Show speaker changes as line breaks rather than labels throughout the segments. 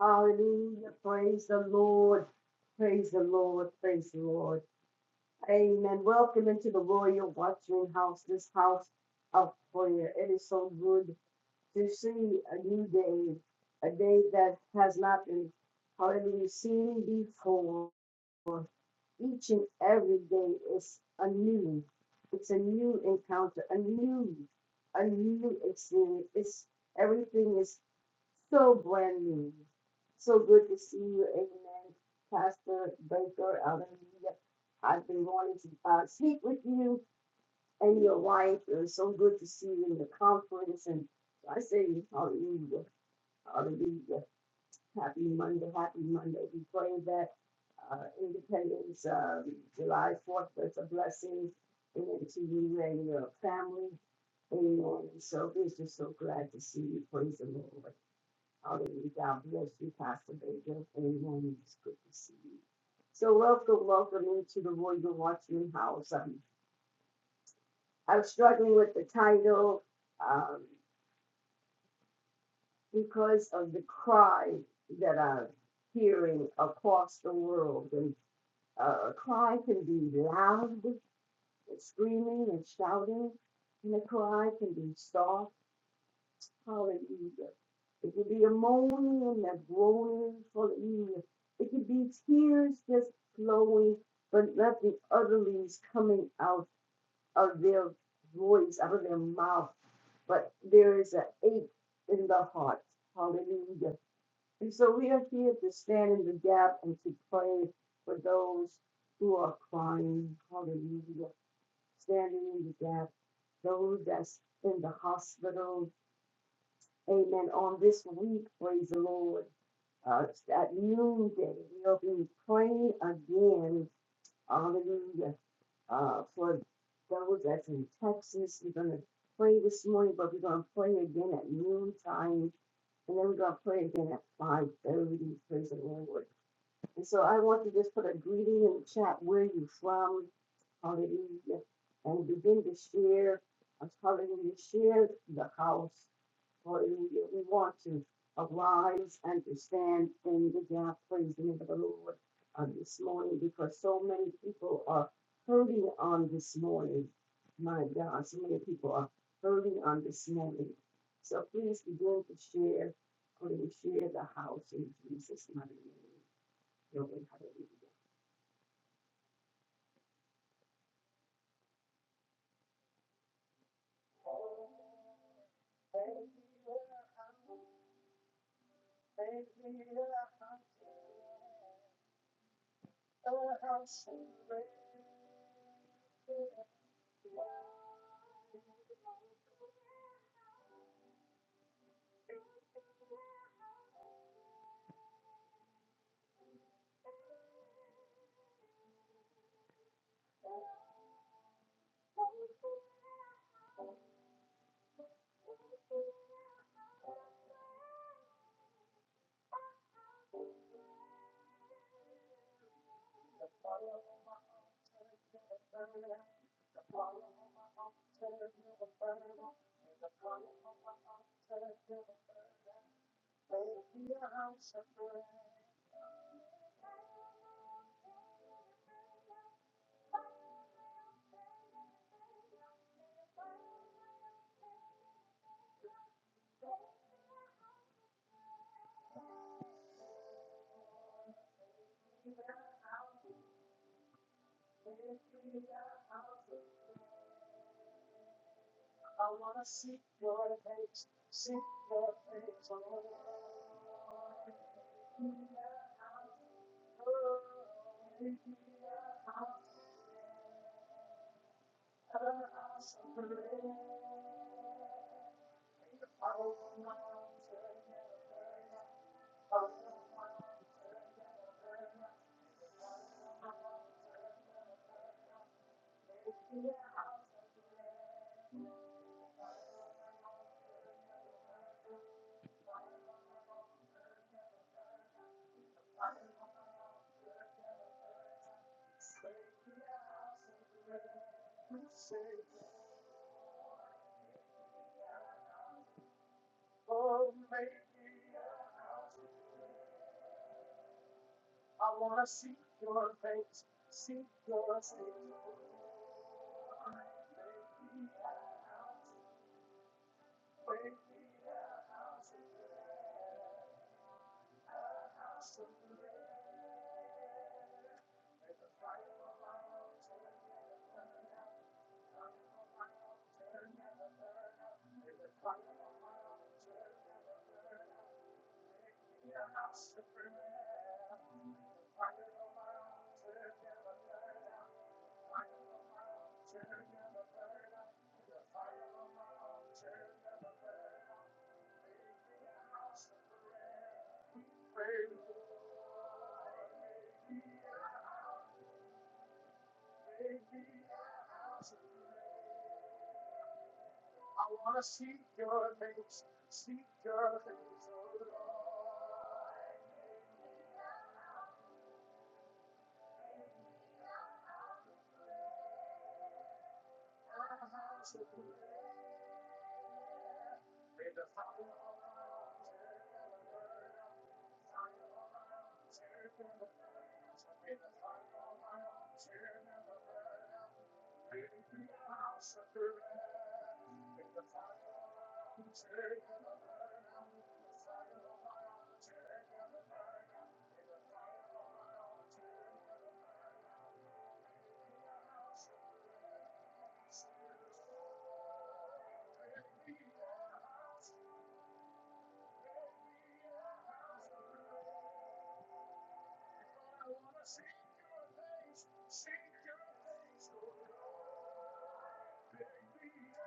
Hallelujah. Praise the Lord. Praise the Lord. Praise the Lord. Amen. Welcome into the Royal Watchman House, this house of prayer. It is so good to see a new day, a day that has not been, hallelujah, seen before. Each and every day is a new. It's a new encounter, a new, a new experience. It's everything is so brand new. So good to see you, Amen. Pastor Baker, hallelujah. I've been wanting to uh, speak with you and your wife. It so good to see you in the conference. And I say, hallelujah, hallelujah. Happy Monday, happy Monday. We pray that uh, Independence um, July 4th is a blessing. Amen to you and your family. Amen. So we're just so glad to see you. Praise the Lord. Hallelujah. God bless you, Pastor Baker. Amen. It's good to see you. So welcome, welcome into the Royal Watchman House. Um, I'm struggling with the title um, because of the cry that I'm hearing across the world. And uh, a cry can be loud, and screaming and shouting, and a cry can be soft Hallelujah. It could be a moaning and a groaning. Hallelujah. It could be tears just flowing, but not the utterlies coming out of their voice, out of their mouth. But there is an ache in the heart. Hallelujah. And so we are here to stand in the gap and to pray for those who are crying. Hallelujah. Standing in the gap. Those that's in the hospital Amen. On this week, praise the Lord. Uh, at noonday, we'll be praying again. Hallelujah. Uh, for those that's in Texas, we're going to pray this morning, but we're going to pray again at noontime. And then we're going to pray again at 5.30. Praise the Lord. And so I want to just put a greeting in the chat where you from. Hallelujah. And begin to share. Hallelujah. Share the house. Hallelujah. We want to arise and to stand in the gap, praise the name of the Lord, uh, this morning because so many people are hurting on this morning. My God, so many people are hurting on this morning. So please begin to share, please share the house in Jesus' mighty name. Glory, Hallelujah.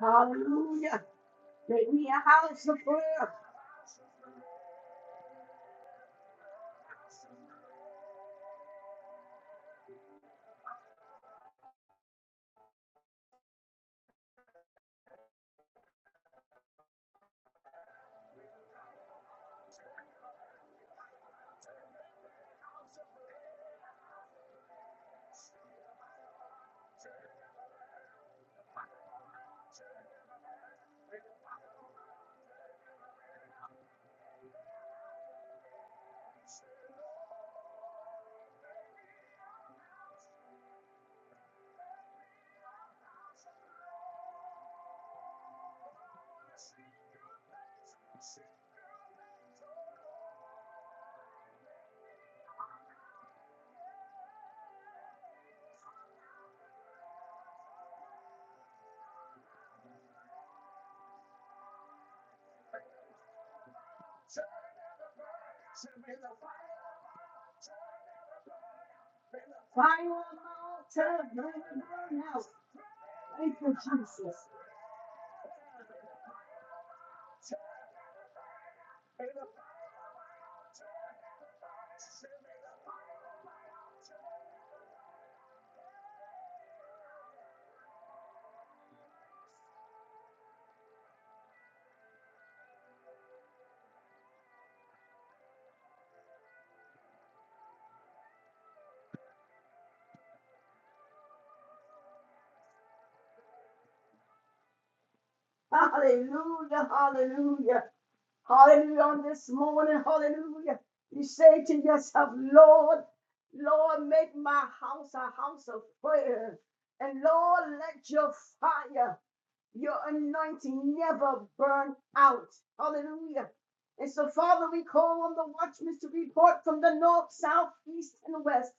Hallelujah, Make me a house of prayer. Fire on my altar. Burn the burn house. Thank you, Jesus. Hallelujah. Hallelujah. Hallelujah. On this morning. Hallelujah. You say to yourself, Lord, Lord, make my house a house of prayer. And Lord, let your fire. Your anointing never burn out. Hallelujah. And so, Father, we call on the watchmen to report from the north, south, east, and west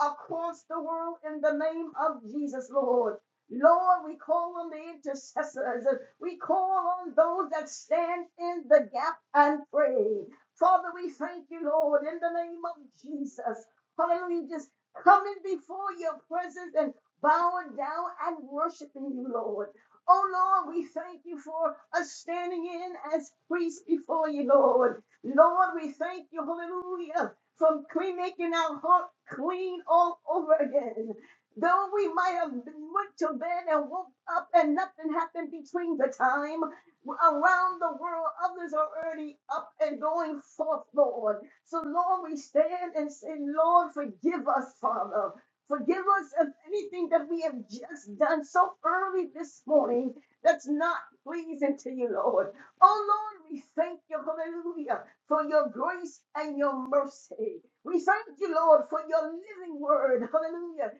across the world in the name of Jesus, Lord. Lord, we call on the intercessors. We call on those that stand in the gap and pray. Father, we thank you, Lord, in the name of Jesus. Hallelujah. Just coming before your presence and bowing down and worshiping you, Lord. Oh Lord, we thank you for us standing in as priests before you, Lord. Lord, we thank you, hallelujah, for clean, making our heart clean all over again. Though we might have went to bed and woke up and nothing happened between the time, around the world, others are already up and going forth, Lord. So, Lord, we stand and say, Lord, forgive us, Father. Forgive us of anything that we have just done so early this morning that's not pleasing to you, Lord. Oh, Lord, we thank you, hallelujah, for your grace and your mercy. We thank you, Lord, for your living word, hallelujah,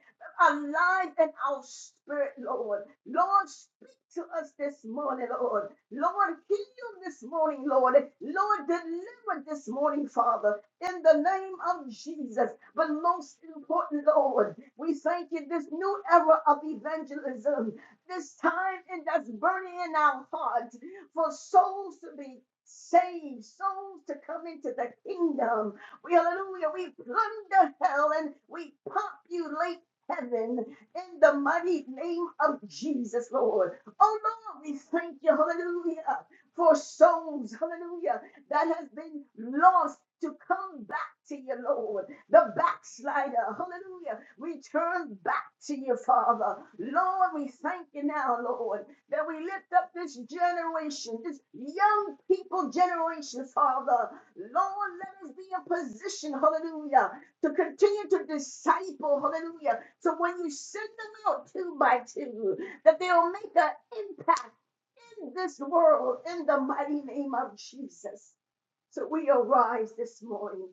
alive in our spirit, Lord. Lord, speak to us this morning, Lord. Lord, heal this morning, Lord. Lord, deliver this morning, Father in the name of Jesus. But most important, Lord, we thank you this new era of evangelism, this time and that's burning in our hearts for souls to be saved, souls to come into the kingdom. We hallelujah, we plunder hell and we populate heaven in the mighty name of Jesus, Lord. Oh Lord, we thank you, hallelujah, for souls, hallelujah that has been lost to come back to you, Lord. The backslider, hallelujah, return back to you, Father. Lord, we thank you now, Lord, that we lift up this generation, this young people generation, Father. Lord, let us be in position, hallelujah, to continue to disciple, hallelujah. So when you send them out two by two, that they'll make an impact in this world in the mighty name of Jesus. So we arise this morning,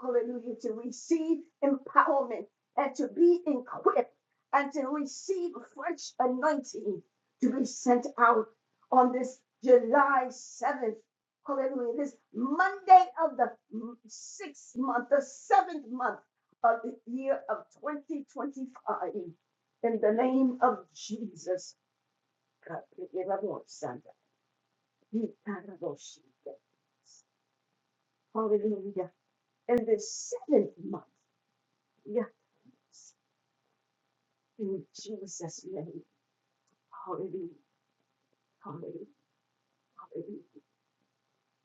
hallelujah, to receive empowerment and to be equipped and to receive fresh anointing to be sent out on this July 7th, hallelujah, this Monday of the sixth month, the seventh month of the year of 2025. In the name of Jesus. Hallelujah. In the seventh month, yeah, in Jesus' name, hallelujah, hallelujah, hallelujah.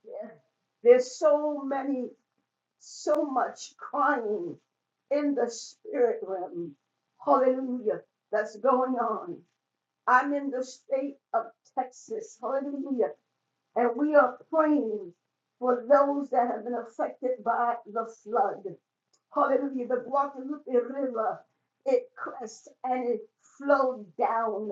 Yeah. There's so many, so much crying in the spirit realm, hallelujah, that's going on. I'm in the state of Texas, hallelujah. And we are praying for those that have been affected by the flood. Hallelujah. The Guadalupe River, it crest and it flowed down.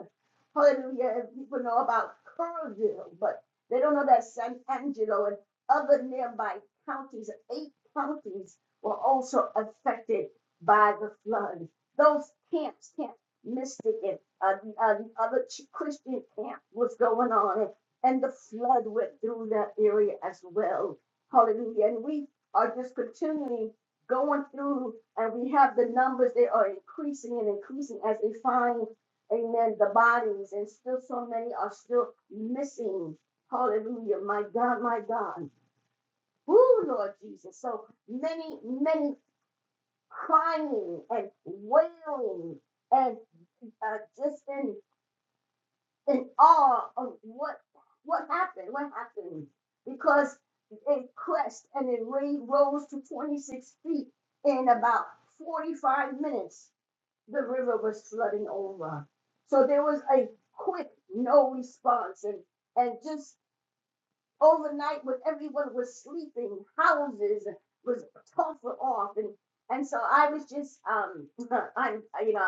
Hallelujah. And people know about Kerrville, but they don't know that San Angelo and other nearby counties, eight counties, were also affected by the flood. Those camps, Camp Mystic and uh, the uh, the other Christian camp was going on and the flood went through that area as well. Hallelujah. And we are just continually going through, and we have the numbers that are increasing and increasing as they find, amen, the bodies, and still so many are still missing. Hallelujah. My God, my God. Ooh, Lord Jesus. So many, many crying and wailing and uh, just in in awe of what what happened, what happened, because it crashed and it rose to 26 feet in about 45 minutes. The river was flooding over, so there was a quick no response, and and just overnight when everyone was sleeping, houses was tougher off, and and so I was just um I'm you know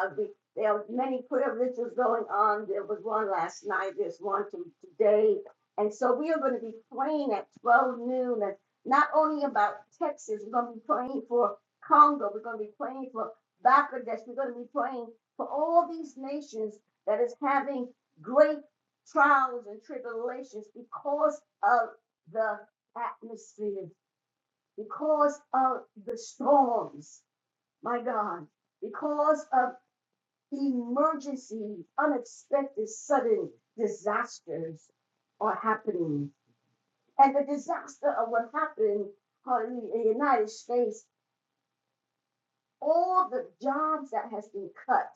there were many prayer rituals going on. There was one last night. There's one today, and so we are going to be praying at twelve noon, and not only about Texas, we're going to be praying for Congo. We're going to be praying for Bangladesh. We're going to be praying for all these nations that is having great trials and tribulations because of the atmosphere, because of the storms, my God, because of emergencies, unexpected, sudden disasters are happening. And the disaster of what happened hallelujah, in the United States, all the jobs that has been cut,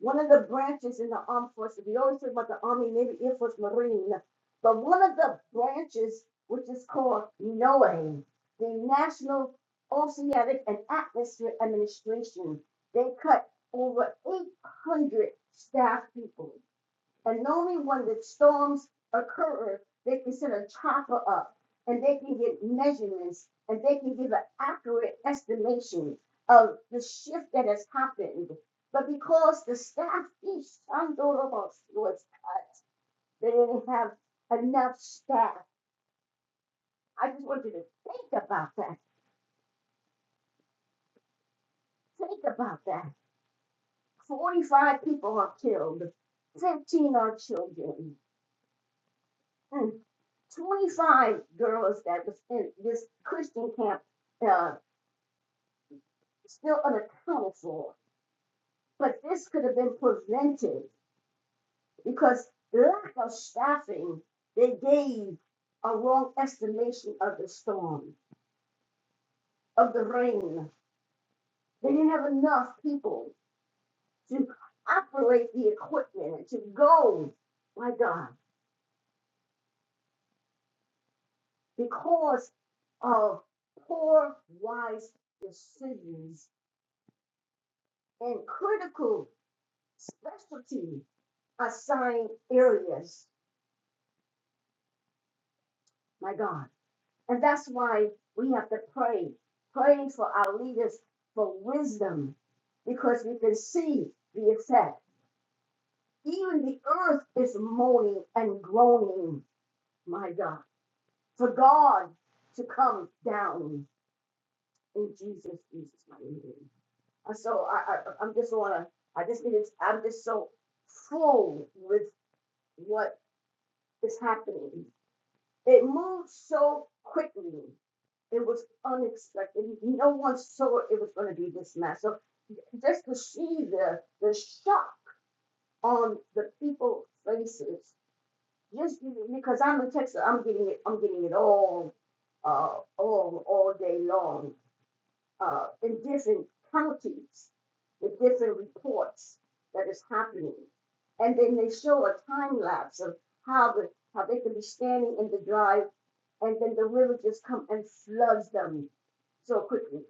one of the branches in the armed forces. We always talk about the Army, Navy, Air Force, Marine. But one of the branches, which is called NOAA, the National Oceanic and Atmospheric Administration, they cut over 800 staff people. And only when the storms occur, they can send a chopper up and they can get measurements and they can give an accurate estimation of the shift that has happened. But because the staff is was they didn't have enough staff. I just want you to think about that. Think about that. 45 people are killed, 15 are children. Mm. 25 girls that was in this Christian camp uh, still unaccounted for. But this could have been prevented because the lack of staffing, they gave a wrong estimation of the storm, of the rain. They didn't have enough people to operate the equipment and to go, my God, because of poor, wise decisions and critical specialty assigned areas, my God. And that's why we have to pray, praying for our leaders for wisdom, because we can see the effect. Even the earth is moaning and groaning, my God, for God to come down in Jesus, Jesus, my name. And so I, I, I'm just wanna, I just need, I'm just so full with what is happening It moved so quickly. It was unexpected. No one saw it was going to be this massive. Just to see the the shock on the people's faces, just because I'm in Texas, I'm getting it. I'm getting it all, uh, all all day long, uh, in different counties, with different reports that is happening, and then they show a time lapse of how the how they can be standing in the drive and then the river just come and floods them so quickly.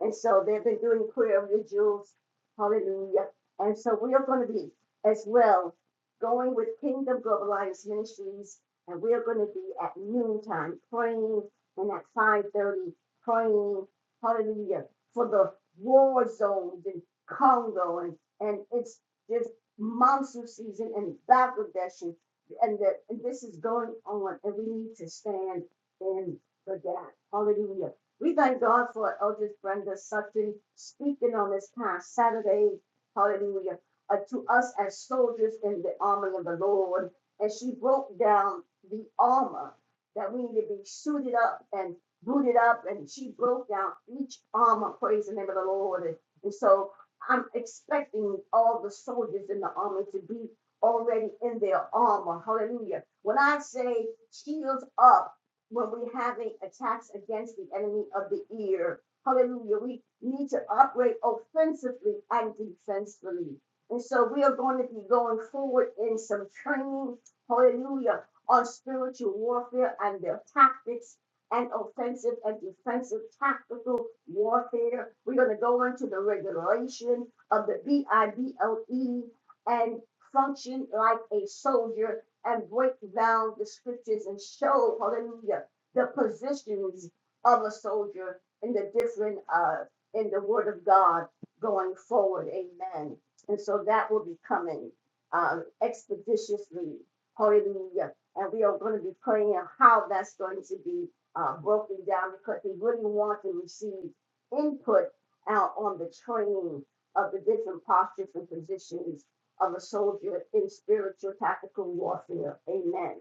And so they've been doing prayer vigils. Hallelujah. And so we are going to be as well going with Kingdom Global Alliance Ministries. And we are going to be at noontime praying and at 5.30 praying, hallelujah, for the war zones in Congo and, and it's this monsoon season in Bangladesh and, and, the, and this is going on and we need to stand in the gap. Hallelujah we thank God for Eldridge Brenda Sutton speaking on this past Saturday. Hallelujah. uh, to us as soldiers in the army of the Lord. And she broke down the armor that we need to be suited up and booted up. And she broke down each armor, praise the name of the Lord. And, and so I'm expecting all the soldiers in the army to be already in their armor. Hallelujah. When I say shields up, when we have a attacks against the enemy of the ear. Hallelujah. We need to operate offensively and defensively. And so we are going to be going forward in some training. Hallelujah. On spiritual warfare and their tactics and offensive and defensive tactical warfare. We're going to go into the regulation of the B I B L E and function like a soldier and break down the scriptures and show, hallelujah, the positions of a soldier in the different, uh, in the word of God going forward. Amen. And so that will be coming um, expeditiously. Hallelujah. And we are going to be praying how that's going to be uh, broken down because we really want to receive input out on the training of the different postures and positions of a soldier in spiritual tactical warfare. Amen.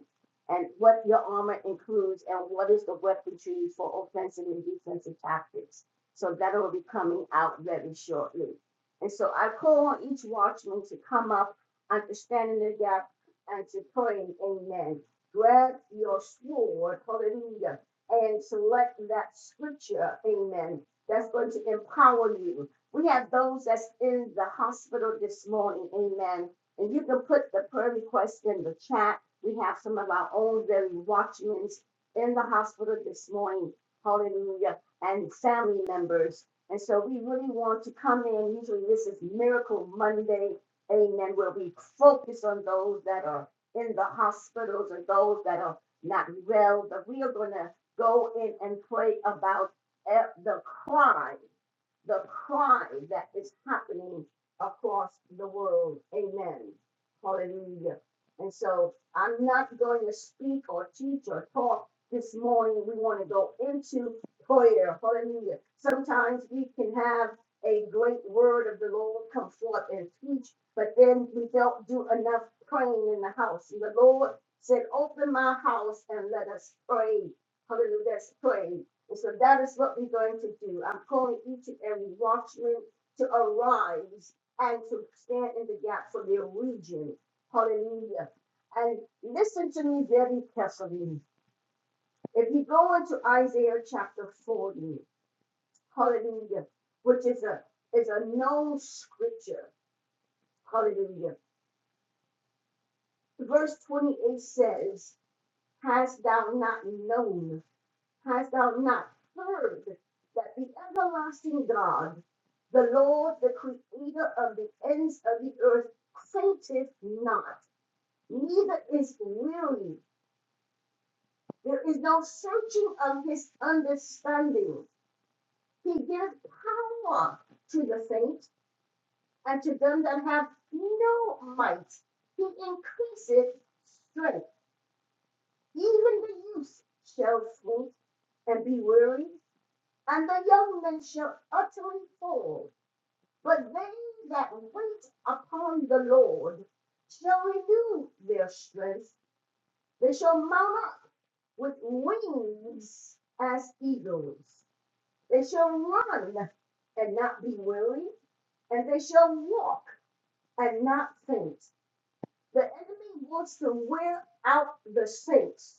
And what your armor includes and what is the weaponry for offensive and defensive tactics. So that'll be coming out very shortly. And so I call on each watchman to come up, understanding the gap, and to pray. Amen. Grab your sword, hallelujah, and select that scripture, amen, that's going to empower you we have those that's in the hospital this morning, amen. And you can put the prayer request in the chat. We have some of our own very watchmen in the hospital this morning, hallelujah, and family members. And so we really want to come in. Usually this is Miracle Monday, amen, where we focus on those that are in the hospitals or those that are not well. But we are going to go in and pray about eh, the cry the crime that is happening across the world. Amen. Hallelujah. And so I'm not going to speak or teach or talk this morning. We want to go into prayer. Hallelujah. Sometimes we can have a great word of the Lord come forth and teach, but then we don't do enough praying in the house. And the Lord said, Open my house and let us pray. Hallelujah. Let's pray. And so that is what we're going to do. I'm calling each and every watchman to arise and to stand in the gap for their region. Hallelujah. And listen to me very carefully. If you go into Isaiah chapter 40, hallelujah, which is a is a known scripture, hallelujah. Verse 28 says, Hast thou not known? Hast thou not heard that the everlasting God, the Lord, the creator of the ends of the earth, fainteth not, neither is weary. There is no searching of his understanding. He gives power to the faint and to them that have no might. He increaseth strength. Even the youth shall faint and be weary, and the young men shall utterly fall. But they that wait upon the Lord shall renew their strength. They shall mount up with wings as eagles. They shall run and not be weary, and they shall walk and not faint. The enemy wants to wear out the saints,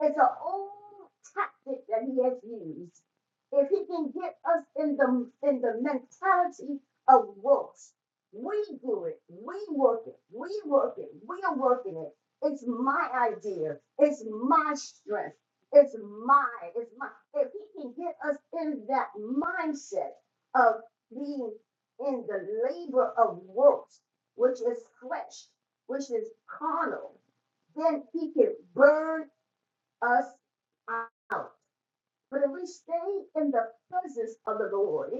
It's an old tactic that he has used. If he can get us in the in the mentality of works, we do it, we work it, we work it, we are working it. It's my idea, it's my strength, it's my, it's my. If he can get us in that mindset of being in the labor of works, which is flesh, which is carnal, then he can burn us out. But if we stay in the presence of the Lord,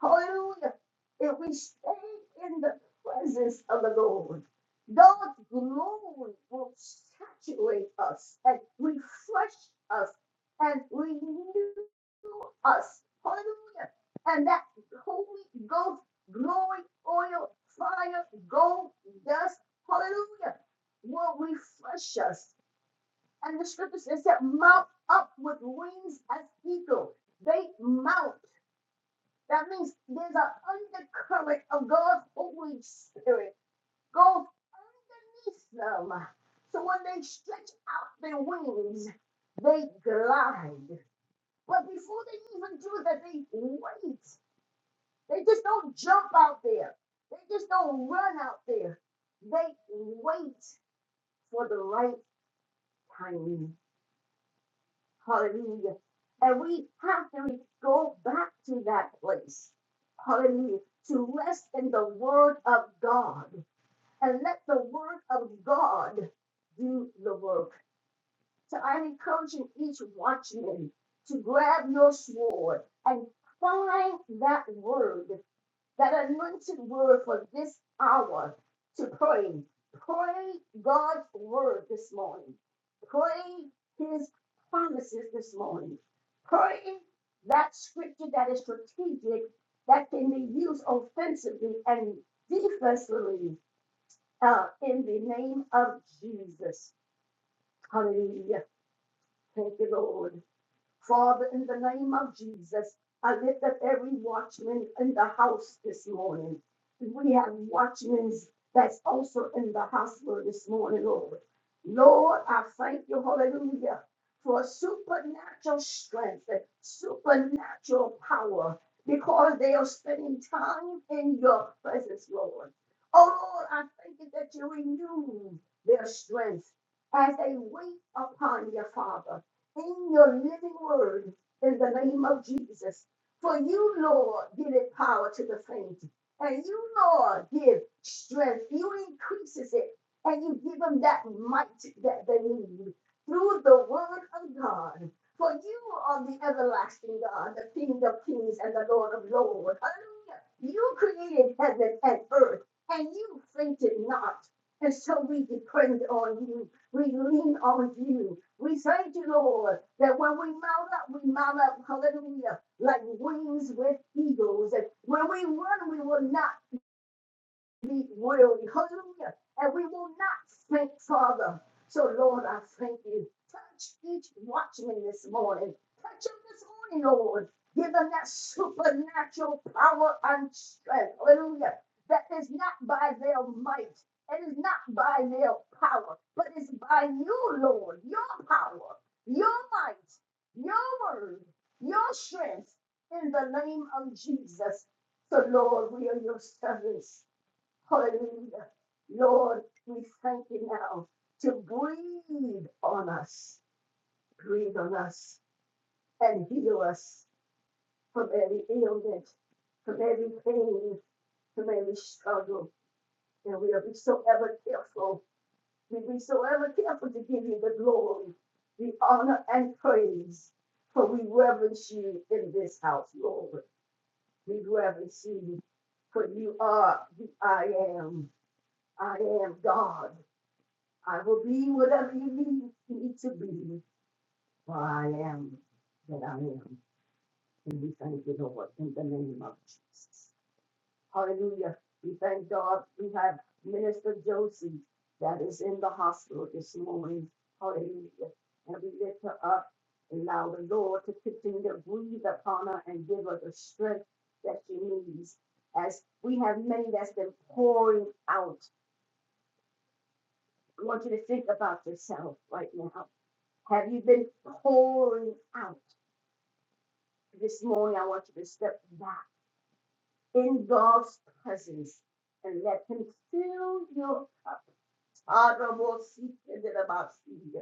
Hallelujah. If we stay in the presence of the Lord, God's glory will saturate us and refresh us and renew us. Hallelujah. And that Holy Ghost glory, oil, fire, gold, dust, hallelujah, will refresh us and the scripture says that mount up with wings as eagles." They mount. That means there's an undercurrent of God's Holy Spirit goes underneath them. So when they stretch out their wings, they glide. But before they even do that, they wait. They just don't jump out there. They just don't run out there. They wait for the right timing. Hallelujah. And we have to go back to that place. Hallelujah. To rest in the word of God and let the word of God do the work. So I'm encouraging each watchman to grab your sword and find that word that anointed word for this hour to pray. Pray God's word this morning. Pray his promises this morning. Pray that scripture that is strategic, that can be used offensively and defensively uh, in the name of Jesus. Hallelujah. Thank you, Lord. Father, in the name of Jesus, I lift up every watchman in the house this morning. We have watchmen that's also in the hospital this morning, Lord. Lord, I thank you, hallelujah, for supernatural strength, supernatural power, because they are spending time in your presence, Lord. Oh, Lord, I thank you that you renew their strength as they wait upon your Father in your living word in the name of Jesus. For you, Lord, give it power to the faint. And you, Lord, give strength. You increases it. And you give them that might that they need through the word of God. For you are the everlasting God, the King of kings and the Lord of lords. Hallelujah. You created heaven and earth, and you fainted not. And so we depend on you. We lean on you. We thank you, Lord, that when we mount up, we mount up, hallelujah, like wings with eagles. And when we run, we will not we will, hallelujah, and we will not faint, Father. So, Lord, I thank you. Touch each watchman this morning. Touch them this morning, Lord. Give them that supernatural power and strength, hallelujah, that is not by their might, it is not by their power, but it's by you, Lord, your power, your might, your word, your strength, in the name of Jesus. So, Lord, we are your servants. Hallelujah. Lord, we thank you now to breathe on us, breathe on us, and heal us from every ailment, from every pain, from every struggle. And we'll be so ever careful. We'll be so ever careful to give you the glory, the honor, and praise. For we reverence you in this house, Lord. We reverence you. For you are the I am. I am God. I will be whatever you need me to be, for I am that I am. And we thank you, Lord, in the name of Jesus. Hallelujah. We thank God. We have Minister Josie that is in the hospital this morning. Hallelujah. And we lift her up. Allow the Lord to continue to breathe upon her and give her the strength that she needs. As we have many that's been pouring out, I want you to think about yourself right now Have you been pouring out? This morning, I want you to step back in God's presence and let Him fill your cup. Honorable seat and then about seat.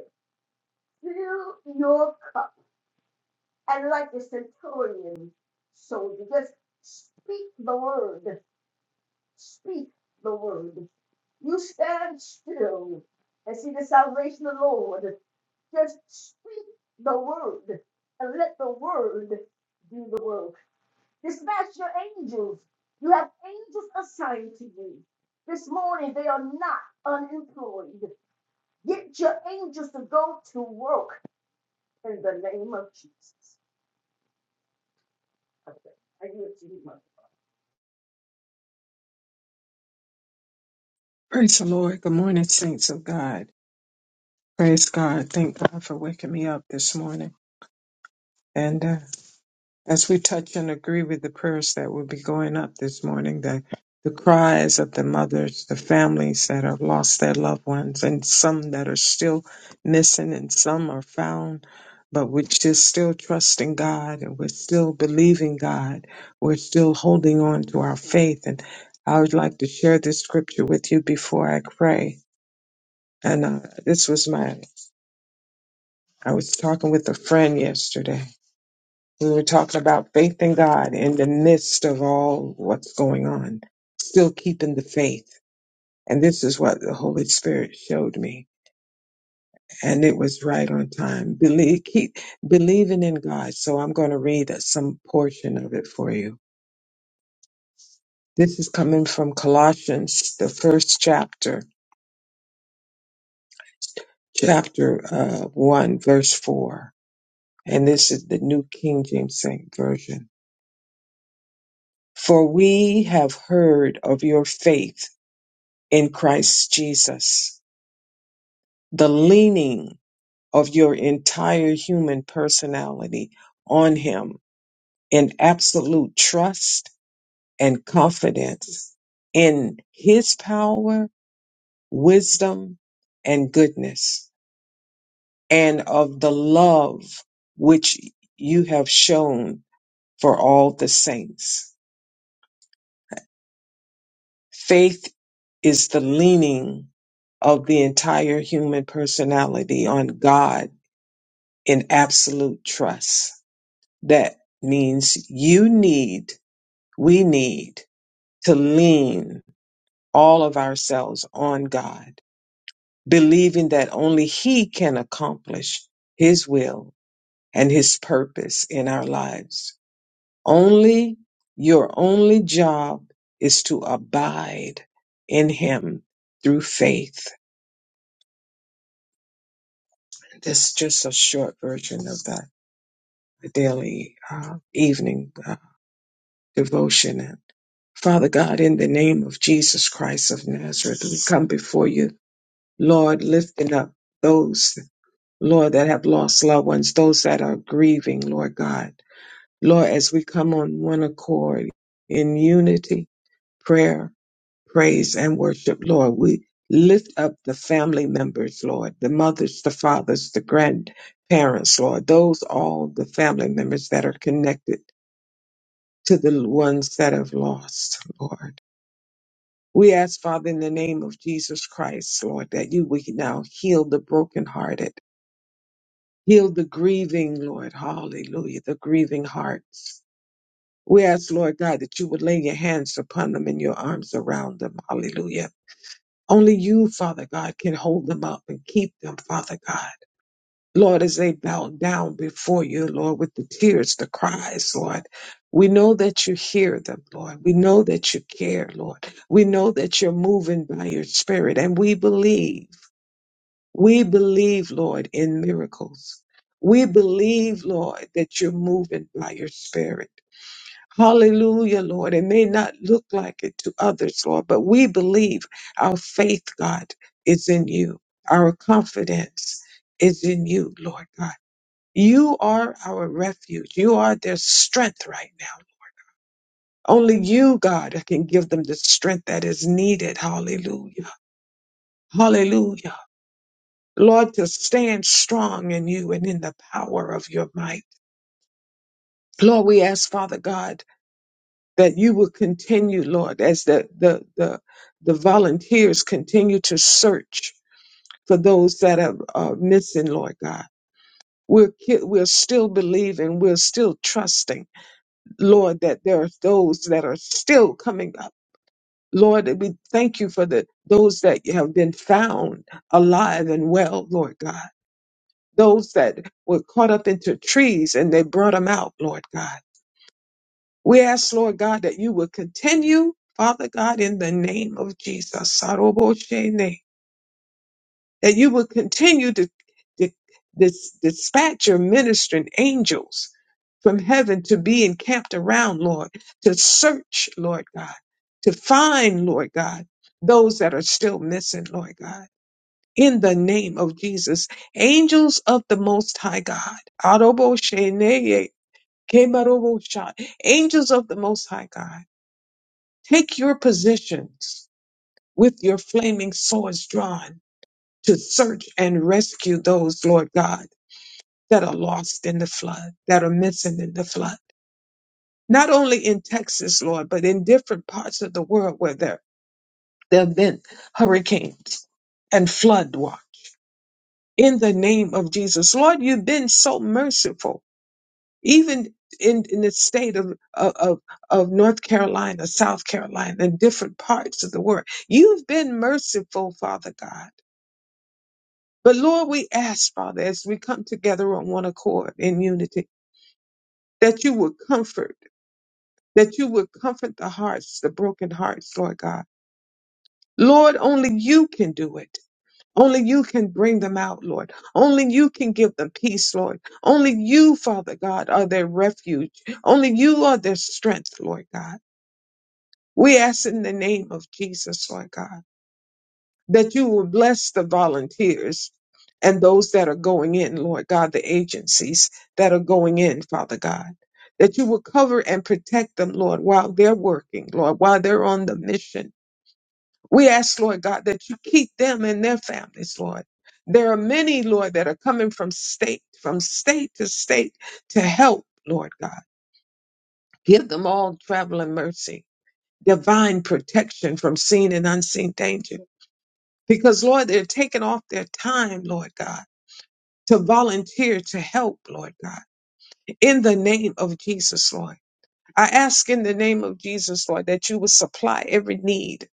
Fill your cup. And like the centurion soldier, just speak the word. Speak the word. You stand still and see the salvation of the Lord. Just speak the word and let the word do the work. Dispatch your angels. You have angels assigned to you. This morning, they are not unemployed. Get your angels to go to work in the name of Jesus. Okay. I yield to you, Mother.
Praise the Lord. Good morning, saints of God. Praise God. Thank God for waking me up this morning. And uh, as we touch and agree with the prayers that will be going up this morning, the, the cries of the mothers, the families that have lost their loved ones, and some that are still missing, and some are found, but we're just still trusting God and we're still believing God. We're still holding on to our faith. And I would like to share this scripture with you before I pray. And uh, this was my, I was talking with a friend yesterday. We were talking about faith in God in the midst of all what's going on, still keeping the faith. And this is what the Holy Spirit showed me. And it was right on time. Believe, keep believing in God. So I'm going to read some portion of it for you. This is coming from Colossians, the first chapter, chapter uh, 1, verse 4. And this is the New King James Version. For we have heard of your faith in Christ Jesus, the leaning of your entire human personality on Him in absolute trust and confidence in His power, wisdom, and goodness, and of the love which you have shown for all the saints Faith is the leaning of the entire human personality on God in absolute trust. That means you need, we need to lean all of ourselves on God, believing that only He can accomplish His will and His purpose in our lives. Only your only job is to abide in Him through faith That's just a short version of that daily uh, evening uh, devotion. And Father God, in the name of Jesus Christ of Nazareth, we come before you, Lord, lifting up those, Lord, that have lost loved ones, those that are grieving, Lord God. Lord, as we come on one accord in unity, prayer. praise and worship, Lord. We lift up the family members, Lord, the mothers, the fathers, the grandparents, Lord, those all the family members that are connected to the ones that have lost, Lord. We ask, Father, in the name of Jesus Christ, Lord, that you would now heal the brokenhearted, heal the grieving, Lord, hallelujah, the grieving hearts. We ask, Lord God, that you would lay your hands upon them and your arms around them, hallelujah Only you, Father God, can hold them up and keep them, Father God. Lord, as they bow down before you, Lord, with the tears, the cries, Lord. We know that you hear them, Lord. We know that you care, Lord. We know that you're moving by your spirit, and we believe. We believe, Lord, in miracles. We believe, Lord, that you're moving by your spirit. Hallelujah, Lord. It may not look like it to others, Lord, but we believe our faith, God, is in you. Our confidence is in you, Lord God. You are our refuge. You are their strength right now. Only you, God, can give them the strength that is needed. Hallelujah. Hallelujah. Lord, to stand strong in you and in the power of your might. Lord, we ask, Father God, that you will continue, Lord, as the, the, the, the volunteers continue to search for those that are, are missing, Lord God. We're, ki- we're still believing, we're still trusting, Lord, that there are those that are still coming up. Lord, that we thank you for the those that have been found alive and well, Lord God. Those that were caught up into trees and they brought them out, Lord God We ask, Lord God, that you would continue, Father God, in the name of Jesus, Saroboshene, that you would continue to, to dis- dispatch your ministering angels from heaven to be encamped around, Lord, to search, Lord God, to find, Lord God, those that are still missing, Lord God. In the name of Jesus, angels of the Most High God, Aroboshene, Kemarobosha, angels of the Most High God. Take your positions with your flaming swords drawn to search and rescue those, Lord God, that are lost in the flood, that are missing in the flood. Not only in Texas, Lord, but in different parts of the world where there, there have been hurricanes and flood. Lord. In the name of Jesus, Lord, you've been so merciful even in, in the state of, of, of North Carolina, South Carolina, and different parts of the world. You've been merciful, Father God. But Lord, we ask, Father, as we come together on one accord in unity, that you would comfort, that you would comfort the hearts, the broken hearts, Lord God. Lord, only you can do it. Only you can bring them out, Lord. Only you can give them peace, Lord. Only you, Father God, are their refuge. Only you are their strength, Lord God. We ask in the name of Jesus, Lord God, that you will bless the volunteers and those that are going in, Lord God, the agencies that are going in, Father God. That you will cover and protect them, Lord, while they're working, Lord, while they're on the mission. We ask, Lord God, that you keep them and their families, Lord. There are many, Lord, that are coming from state, from state to state to help, Lord God. Give them all travel and mercy divine protection from seen and unseen danger. Because, Lord, they're taking off their time, Lord God, to volunteer to help, Lord God, in the name of Jesus, Lord. I ask in the name of Jesus, Lord, that you will supply every need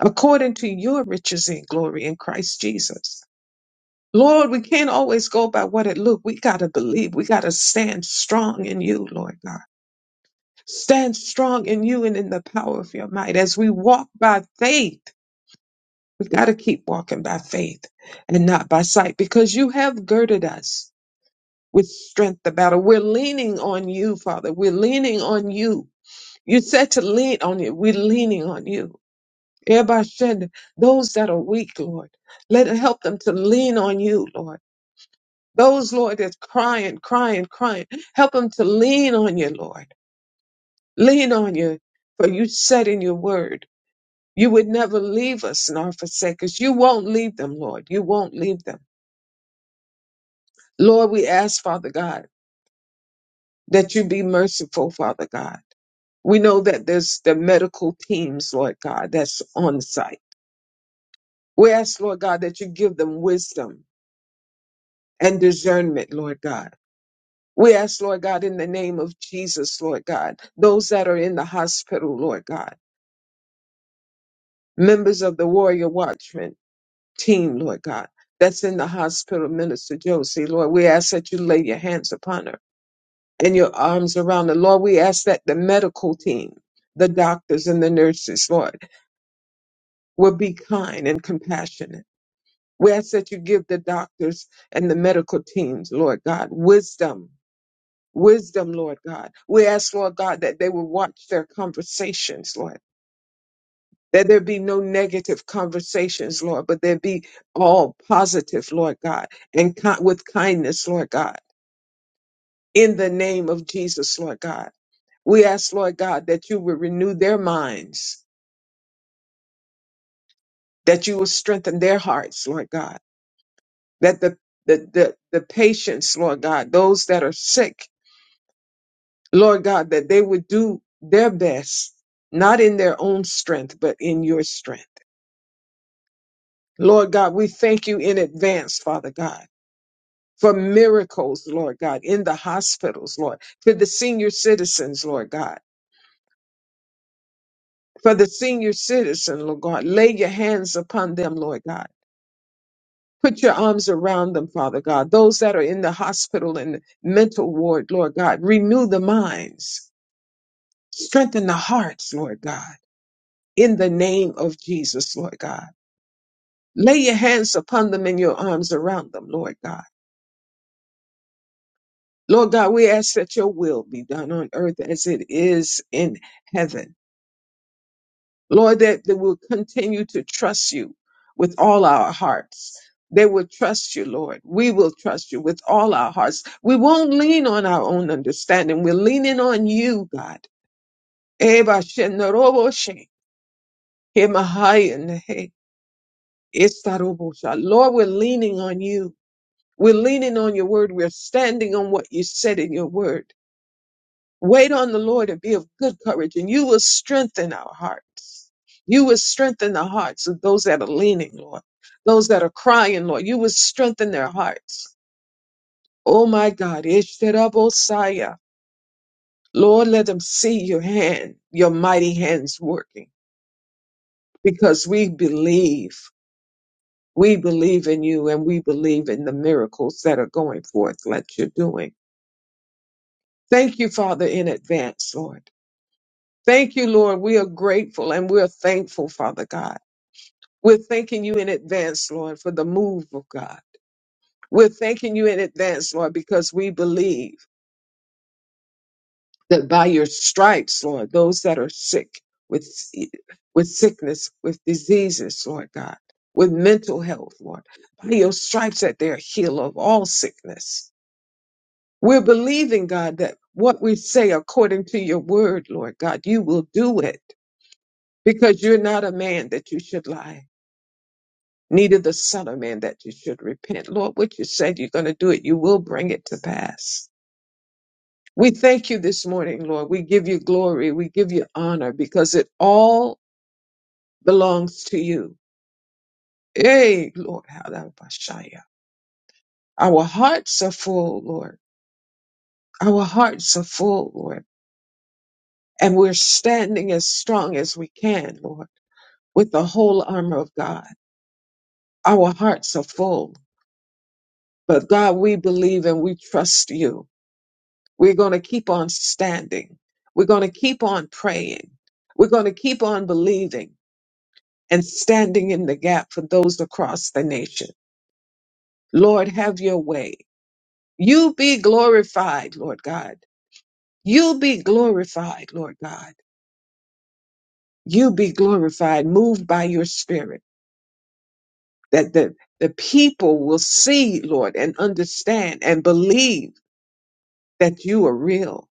according to your riches and glory in Christ Jesus. Lord, we can't always go by what it looked. We got to believe. We got to stand strong in you, Lord God. Stand strong in you and in the power of your might as we walk by faith We've got to keep walking by faith and not by sight because you have girded us with strength about it. We're leaning on you, Father. We're leaning on you. You said to lean on you. We're leaning on you. Everybody said, Those that are weak, Lord, let it help them to lean on you, Lord. Those, Lord, that's crying, crying, crying, help them to lean on you, Lord. Lean on you. For you said in your word, you would never leave us nor forsake us. You won't leave them, Lord. You won't leave them. Lord, we ask, Father God, that you be merciful, Father God. We know that there's the medical teams, Lord God, that's on site. We ask, Lord God, that you give them wisdom and discernment, Lord God. We ask, Lord God, in the name of Jesus, Lord God, those that are in the hospital, Lord God, members of the Warrior Watchman team, Lord God, that's in the hospital, Minister Josie, Lord, we ask that you lay your hands upon her. and your arms around them. Lord, we ask that the medical team, the doctors and the nurses, Lord, will be kind and compassionate. We ask that you give the doctors and the medical teams, Lord God, wisdom. Wisdom, Lord God. We ask, Lord God, that they will watch their conversations, Lord. That there be no negative conversations, Lord, but there be all positive, Lord God, and ki- with kindness, Lord God. in the name of Jesus, Lord God. We ask, Lord God, that you would renew their minds, that you will strengthen their hearts, Lord God, that the, the, the, the patients, Lord God, those that are sick, Lord God, that they would do their best, not in their own strength, but in your strength. Lord God, we thank you in advance, Father God. For miracles, Lord God, in the hospitals, Lord, for the senior citizens, Lord God for the senior citizen, Lord God. Lay your hands upon them, Lord God. Put your arms around them, Father God. Those that are in the hospital and the mental ward, Lord God, renew the minds, strengthen the hearts, Lord God, in the name of Jesus, Lord God. Lay your hands upon them and your arms around them, Lord God. Lord God, we ask that your will be done on earth as it is in heaven. Lord, that they will continue to trust you with all our hearts. They will trust you, Lord. We will trust you with all our hearts. We won't lean on our own understanding. We're leaning on you, God. Eba shenaroboshe, emahayenehe, estarobosha. Lord, we're leaning on you. We're leaning on your word. We're standing on what you said in your word. Wait on the Lord and be of good courage, and you will strengthen our hearts. You will strengthen the hearts of those that are leaning, Lord, those that are crying, Lord. You will strengthen their hearts. Oh my God, Ishtarabosaya. Lord, let them see your hand, your mighty hands working, because we believe. We believe in you and we believe in the miracles that are going forth, like you're doing. Thank you, Father, in advance, Lord. Thank you, Lord. We are grateful and we are thankful, Father God. We're thanking you in advance, Lord, for the move of God. We're thanking you in advance, Lord, because we believe that by your stripes, Lord, those that are sick with, with sickness, with diseases, Lord God, with mental health, Lord, by your stripes that they are healed of all sickness. We're believing, God, that what we say according to your word, Lord God, you will do it because you're not a man that you should lie. neither the Son of Man that you should repent. Lord, what you said you're going to do it, you will bring it to pass. We thank you this morning, Lord. We give you glory. We give you honor because it all belongs to you. Hey, Lord, Halabashaya. Our hearts are full, Lord. Our hearts are full, Lord. And we're standing as strong as we can, Lord, with the whole armor of God. Our hearts are full. But God, we believe and we trust you. We're going to keep on standing. We're going to keep on praying. We're going to keep on believing and standing in the gap for those across the nation. Lord, have your way. You be glorified, Lord God. You be glorified, Lord God. You be glorified, moved by your spirit, that the, the people will see, Lord, and understand and believe that you are real.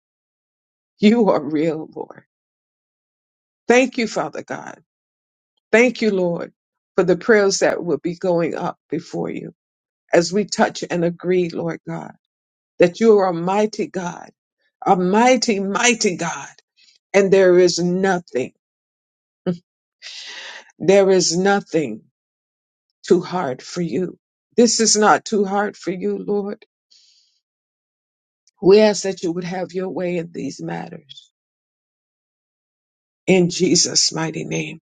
You are real, Lord. Thank you, Father God. Thank you, Lord, for the prayers that will be going up before you as we touch and agree, Lord God, that you are a mighty God, a mighty, mighty God, and there is nothing, there is nothing too hard for you. This is not too hard for you, Lord. We ask that you would have your way in these matters. In Jesus' mighty name.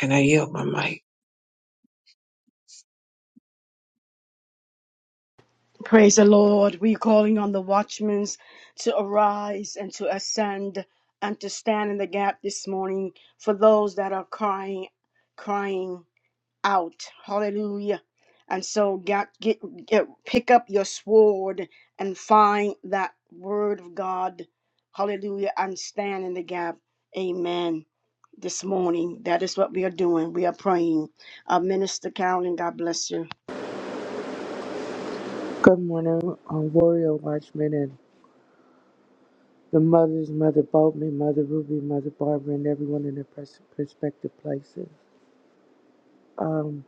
And I yield my mic.
Praise the Lord. We're calling on the watchmen to arise and to ascend and to stand in the gap this morning for those that are crying, crying. out. Hallelujah. And so God get, get pick up your sword and find that word of God. Hallelujah. And stand in the gap. Amen. This morning. That is what we are doing. We are praying. Uh, Minister Carolyn, God bless you.
Good morning, um, Warrior Watchmen and the mothers, Mother Boltman, Mother Ruby, Mother Barbara, and everyone in their pers- respective places. Um,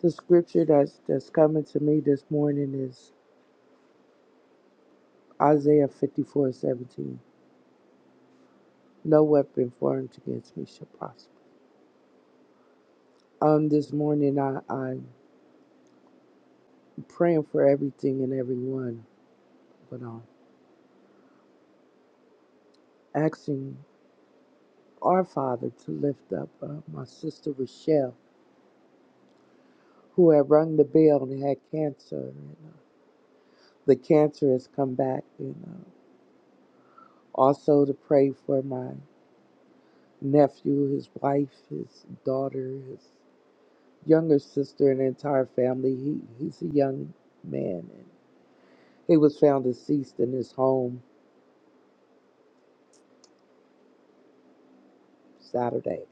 the scripture that's, that's coming to me this morning is Isaiah fifty-four seventeen. No weapon formed against me shall prosper. Um, this morning I, I'm praying for everything and everyone, but um, asking our Father to lift up uh, my sister Rochelle, who had rung the bell and had cancer. the cancer has come back, you know. Also to pray for my nephew, his wife, his daughter, his younger sister, and the entire family. He he's a young man and he was found deceased in his home Saturday.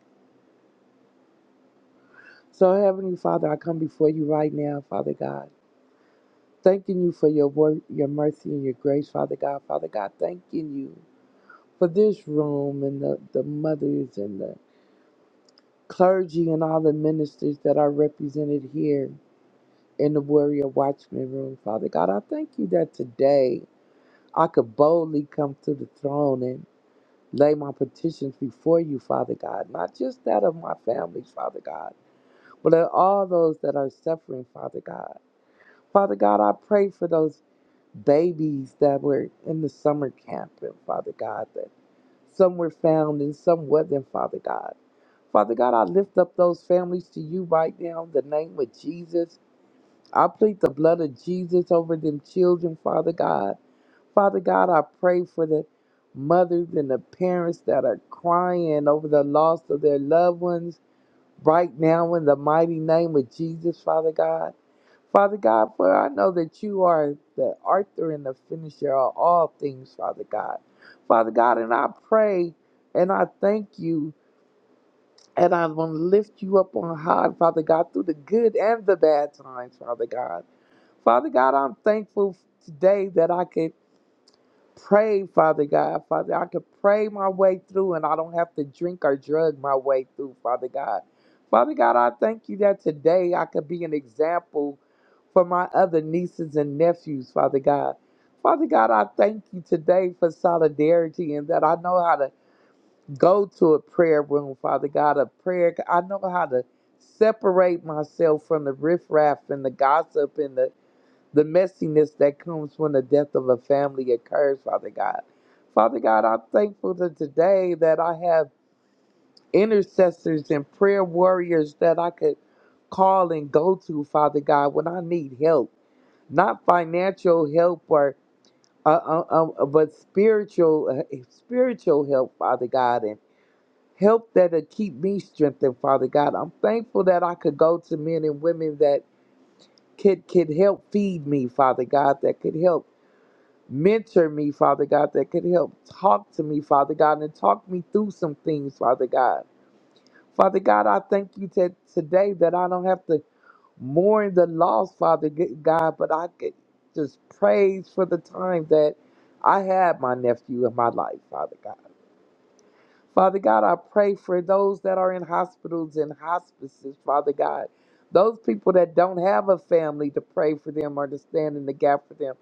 So Heavenly Father, I come before you right now, Father God, thanking you for your work, your mercy and your grace, Father God. Father God, thanking you for this room and the, the mothers and the clergy and all the ministers that are represented here in the warrior watchman room. Father God, I thank you that today I could boldly come to the throne and lay my petitions before you, Father God, not just that of my families, Father God, but of all those that are suffering, Father God. Father God, I pray for those babies that were in the summer camp, and Father God, that some were found and some wasn't, Father God. Father God, I lift up those families to you right now in the name of Jesus. I plead the blood of Jesus over them children, Father God. Father God, I pray for the mothers and the parents that are crying over the loss of their loved ones right now in the mighty name of Jesus, Father God. Father God, for I know that you are the author and the finisher of all things, Father God. Father God, and I pray and I thank you and I want to lift you up on high, Father God, through the good and the bad times, Father God. Father God, I'm thankful today that I could pray, Father God. Father, I could pray my way through and I don't have to drink or drug my way through, Father God. Father God, I thank you that today I could be an example for my other nieces and nephews, Father God. Father God, I thank you today for solidarity and that I know how to go to a prayer room, Father God, a prayer. I know how to separate myself from the riffraff and the gossip and the the messiness that comes when the death of a family occurs, Father God. Father God, I'm thankful that today that I have intercessors and prayer warriors that I could call and go to, Father God, when I need help. Not financial help or uh, uh, um, but spiritual uh, spiritual help, Father God, and help that'll keep me strengthened, Father God. I'm thankful that I could go to men and women that could could help feed me, Father God, that could help mentor me, Father God, that could help talk to me, Father God, and talk me through some things, Father God. Father God, I thank you that today that I don't have to mourn the loss, Father G- God, but I could just praise for the time that I had my nephew in my life, Father God. Father God, I pray for those that are in hospitals and hospices, Father God. Those people that don't have a family to pray for them or to stand in the gap for them.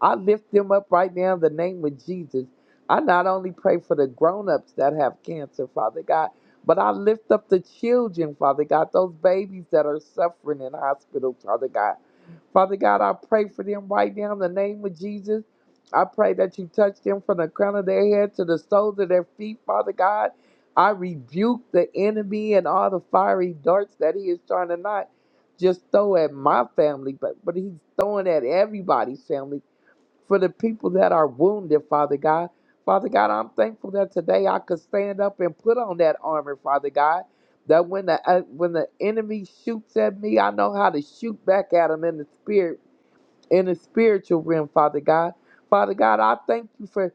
I lift them up right now in the name of Jesus. I not only pray for the grown ups that have cancer, Father God, but I lift up the children, Father God, those babies that are suffering in hospitals, Father God. Father God, I pray for them right now in the name of Jesus. I pray that you touch them from the crown of their head to the soles of their feet, Father God. I rebuke the enemy and all the fiery darts that he is trying to not just throw at my family, but, but he's throwing at everybody's family for the people that are wounded, Father God. Father God, I'm thankful that today I could stand up and put on that armor, Father God. That when the uh, when the enemy shoots at me, I know how to shoot back at him in the spirit in the spiritual realm, Father God. Father God, I thank you for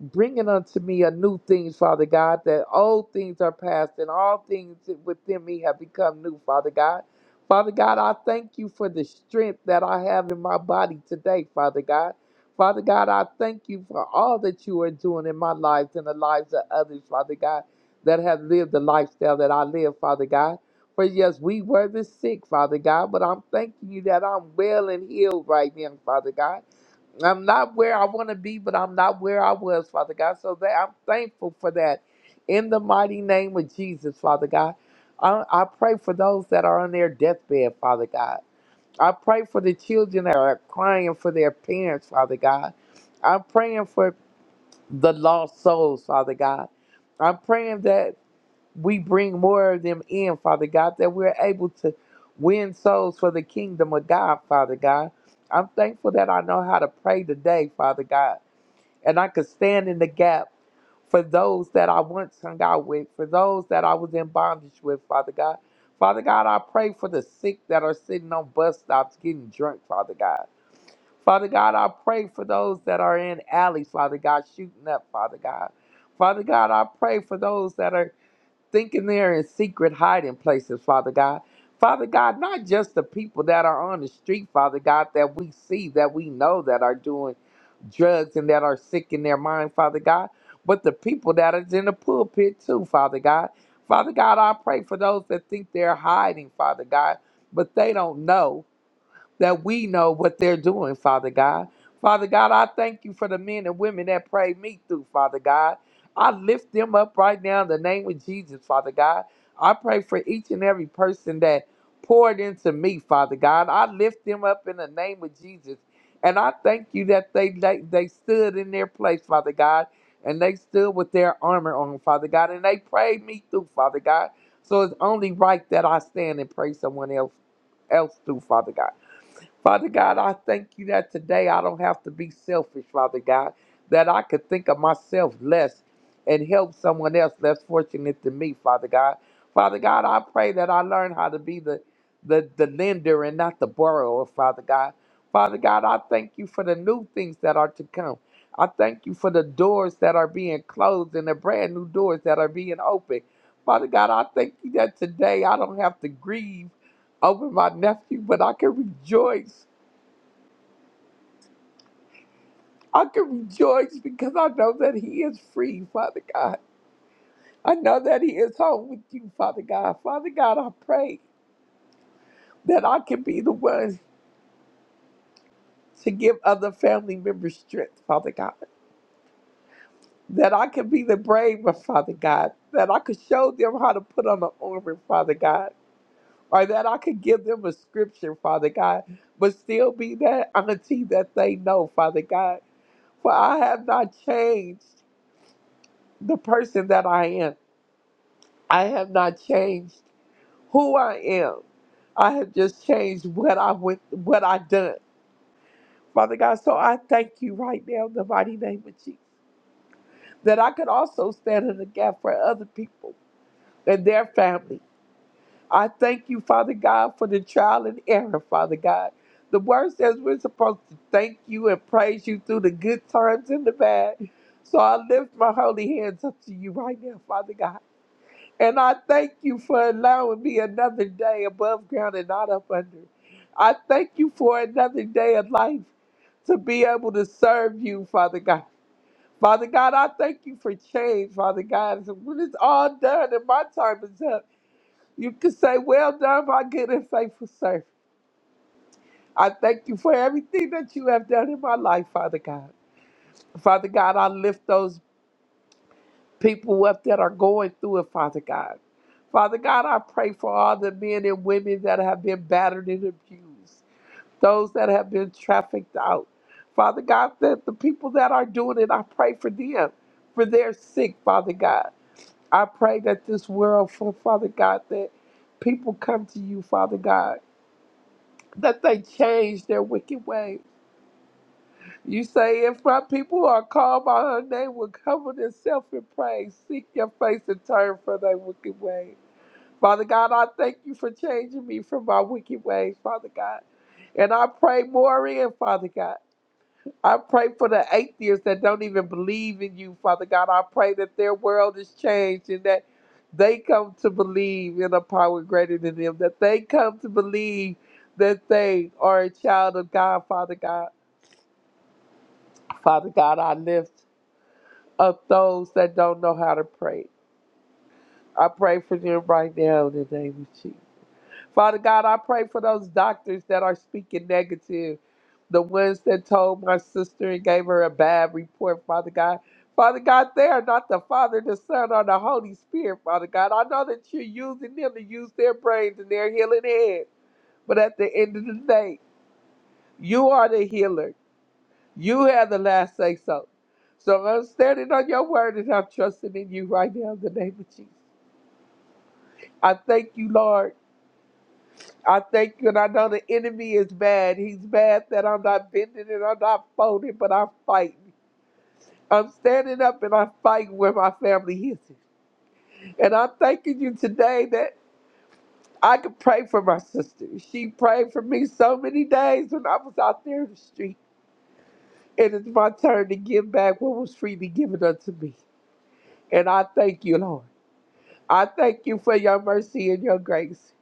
bringing unto me a new things, Father God, that old things are past and all things within me have become new, Father God. Father God, I thank you for the strength that I have in my body today, Father God. Father God, I thank you for all that you are doing in my life and the lives of others, Father God, that have lived the lifestyle that I live, Father God. For yes, we were the sick, Father God, but I'm thanking you that I'm well and healed right now, Father God. I'm not where I want to be, but I'm not where I was, Father God. So that I'm thankful for that. In the mighty name of Jesus, Father God, I, I pray for those that are on their deathbed, Father God. I pray for the children that are crying for their parents, Father God. I'm praying for the lost souls, Father God. I'm praying that we bring more of them in, Father God, that we're able to win souls for the kingdom of God, Father God. I'm thankful that I know how to pray today, Father God, and I could stand in the gap for those that I once hung out with, for those that I was in bondage with, Father God. Father God, I pray for the sick that are sitting on bus stops getting drunk, Father God. Father God, I pray for those that are in alleys, Father God, shooting up, Father God. Father God, I pray for those that are thinking they're in secret hiding places, Father God. Father God, not just the people that are on the street, Father God, that we see, that we know that are doing drugs and that are sick in their mind, Father God, but the people that is in the pulpit too, Father God. Father God, I pray for those that think they're hiding, Father God, but they don't know that we know what they're doing, Father God. Father God, I thank you for the men and women that prayed me through, Father God. I lift them up right now in the name of Jesus, Father God. I pray for each and every person that poured into me, Father God. I lift them up in the name of Jesus. And I thank you that they, they, they stood in their place, Father God, and they stood with their armor on, Father God, and they prayed me through, Father God. So it's only right that I stand and pray someone else else through, Father God. Father God, I thank you that today I don't have to be selfish, Father God, that I could think of myself less and help someone else less fortunate than me, Father God. Father God, I pray that I learn how to be the, the, the lender and not the borrower, Father God. Father God, I thank you for the new things that are to come. I thank you for the doors that are being closed and the brand new doors that are being opened. Father God, I thank you that today I don't have to grieve over my nephew, but I can rejoice I can rejoice because I know that He is free, Father God. I know that He is home with you, Father God. Father God, I pray that I can be the one to give other family members strength, Father God. That I can be the braver, Father God. That I could show them how to put on the armor, Father God. Or that I could give them a scripture, Father God, but still be that auntie that they know, Father God. For I have not changed the person that I am. I have not changed who I am. I have just changed what I went, what I done, Father God. So I thank you right now in the mighty name of Jesus that I could also stand in the gap for other people and their family. I thank you, Father God, for the trial and error, Father God. The word says we're supposed to thank you and praise you through the good times and the bad. So I lift my holy hands up to you right now, Father God. And I thank you for allowing me another day above ground and not up under. I thank you for another day of life to be able to serve you, Father God. Father God, I thank you for change, Father God. So when it's all done and my time is up, you can say, Well done, my good and faithful servant. I thank you for everything that you have done in my life, Father God. Father God, I lift those people what that are going through it, Father God. Father God, I pray for all the men and women that have been battered and abused, those that have been trafficked out. Father God, that the people that are doing it, I pray for them, for their sake. Father God. I pray that this world, for Father God, that people come to you, Father God, that they change their wicked ways you say, if my people who are called by her name, will cover themselves in praise, seek your face and turn from their wicked ways. Father God, I thank you for changing me from my wicked ways, Father God. And I pray more in, Father God. I pray for the atheists that don't even believe in you, Father God. I pray that their world is changed and that they come to believe in a power greater than them, that they come to believe that they are a child of God, Father God. Father God, I lift of those that don't know how to pray. I pray for them right now in the name of Jesus. Father God, I pray for those doctors that are speaking negative, the ones that told my sister and gave her a bad report, Father God. Father God, they are not the Father, the Son, or the Holy Spirit, Father God. I know that you're using them to use their brains and their healing head, but at the end of the day, you are the healer. You have the last say so. So I'm standing on your word and I'm trusting in you right now in the name of Jesus. I thank you, Lord. I thank you, and I know the enemy is mad. He's mad that I'm not bending and I'm not folding, but I'm fighting. I'm standing up and I'm fighting where my family is. And I'm thanking you today that I could pray for my sister. She prayed for me so many days when I was out there in the street. And it's my turn to give back what was freely given unto me. And I thank you, Lord. I thank you for your mercy and your grace.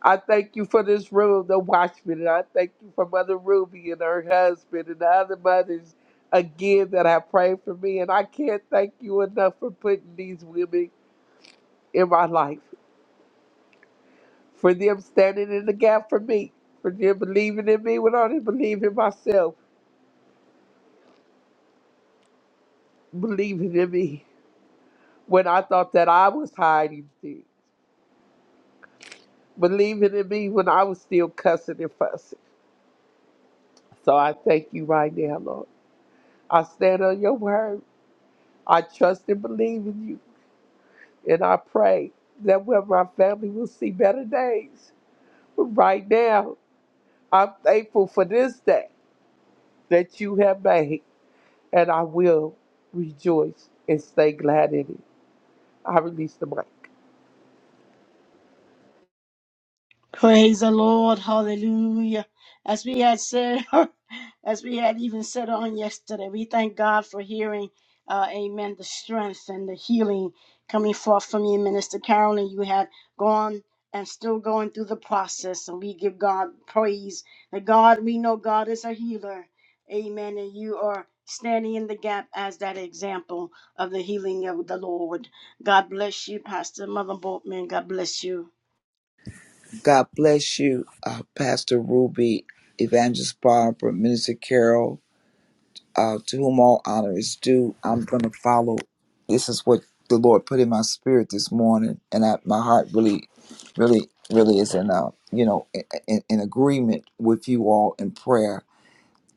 I thank you for this room, the watchman, and I thank you for Mother Ruby and her husband and the other mothers again that have prayed for me. And I can't thank you enough for putting these women in my life, for them standing in the gap for me, for them believing in me when I didn't believe in myself, believing in me when I thought that I was hiding things, believing in me when I was still cussing and fussing. So I thank you right now, Lord. I stand on your word. I trust and believe in you. And I pray that where my family will see better days. But right now, I'm thankful for this day that you have made. And I will rejoice and stay glad in it. I release the mic.
Praise the Lord. Hallelujah. As we had said, as we had even said on yesterday, we thank God for hearing, uh, amen, the strength and the healing coming forth from you, Minister Carolyn. You had gone and still going through the process, and we give God praise. That God, we know God is a healer. Amen. And you are standing in the gap as that example of the healing of the Lord. God bless you, Pastor Mother Boltman. God bless you.
God bless you, uh, Pastor Ruby, Evangelist Barbara, Minister Carol, uh, to whom all honor is due. I'm going to follow. This is what the Lord put in my spirit this morning, and I, my heart really, really, really is in, uh, you know, in, in, in agreement with you all in prayer.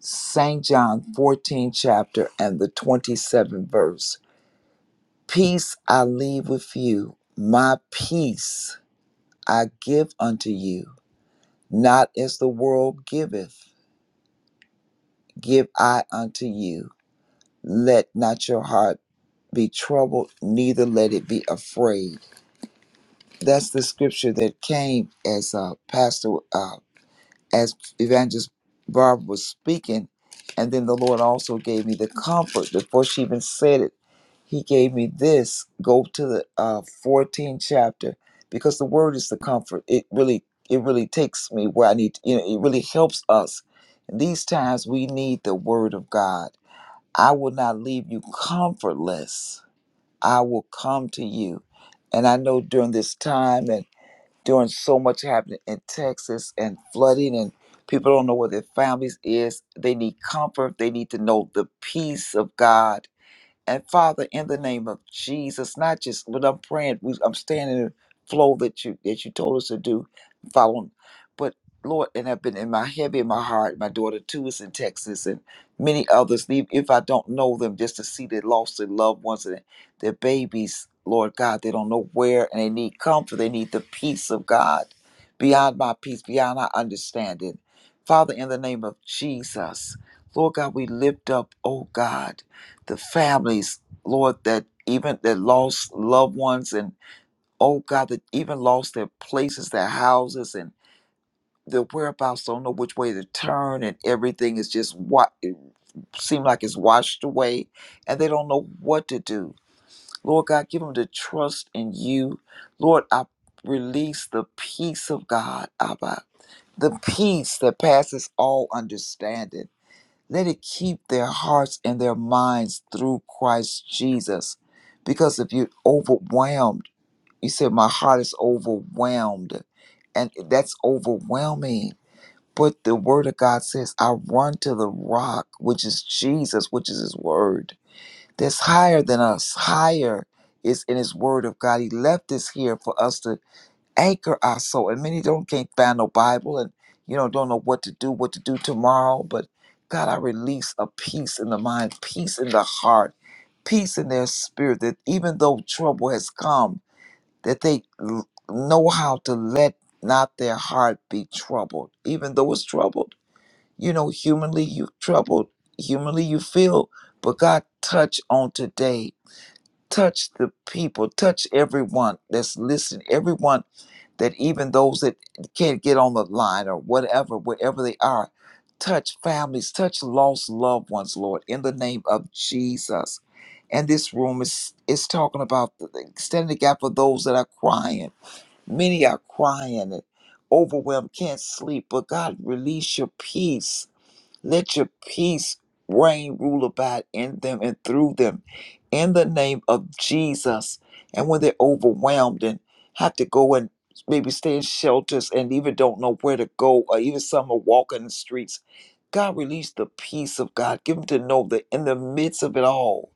St. John 14 chapter and the 27th verse. Peace I leave with you, my peace I give unto you Not as the world giveth, give I unto you. Let not your heart be troubled, neither let it be afraid. That's the scripture that came as uh, Pastor, uh, as Evangelist Barb was speaking. And then the Lord also gave me the comfort before she even said it. he gave me this go to the uh, 14th chapter because the word is the comfort it really it really takes me where i need you know it really helps us in these times we need the word of god i will not leave you comfortless i will come to you and i know during this time and during so much happening in texas and flooding and people don't know where their families is they need comfort they need to know the peace of god and Father, in the name of Jesus, not just but I'm praying, we- I'm standing in the flow that you that you told us to do, following. But Lord, and I've been in my heavy in my heart. My daughter too is in Texas, and many others. Leave if I don't know them, just to see they lost their loved ones and their babies. Lord God, they don't know where, and they need comfort. They need the peace of God, beyond my peace, beyond our understanding. Father, in the name of Jesus, Lord God, we lift up, oh God the families, Lord, that even that lost loved ones and oh God, that even lost their places, their houses and their whereabouts don't know which way to turn and everything is just what it seems like it's washed away and they don't know what to do. Lord God, give them the trust in you. Lord, I release the peace of God, Abba. The peace that passes all understanding. Let it keep their hearts and their minds through Christ Jesus. Because if you're overwhelmed, you said, My heart is overwhelmed. And that's overwhelming. But the word of God says, I run to the rock, which is Jesus, which is his word. That's higher than us. Higher is in his word of God. He left this here for us to anchor our soul. And many don't can't find no Bible and you know don't know what to do, what to do tomorrow. But God, I release a peace in the mind, peace in the heart, peace in their spirit. That even though trouble has come, that they l- know how to let not their heart be troubled, even though it's troubled. You know, humanly you troubled, humanly you feel. But God, touch on today. Touch the people. Touch everyone that's listening. Everyone that even those that can't get on the line or whatever, wherever they are, touch families, touch lost loved ones, Lord, in the name of Jesus. And this room is is talking about the, the extending the gap for those that are crying. Many are crying and overwhelmed, can't sleep. But God, release your peace let your peace reign, rule about in them and through them in the name of Jesus. And when they're overwhelmed and have to go and maybe stay in shelters and even don't know where to go, or even some are walking the streets, God release the peace of God. Give them to know that in the midst of it all,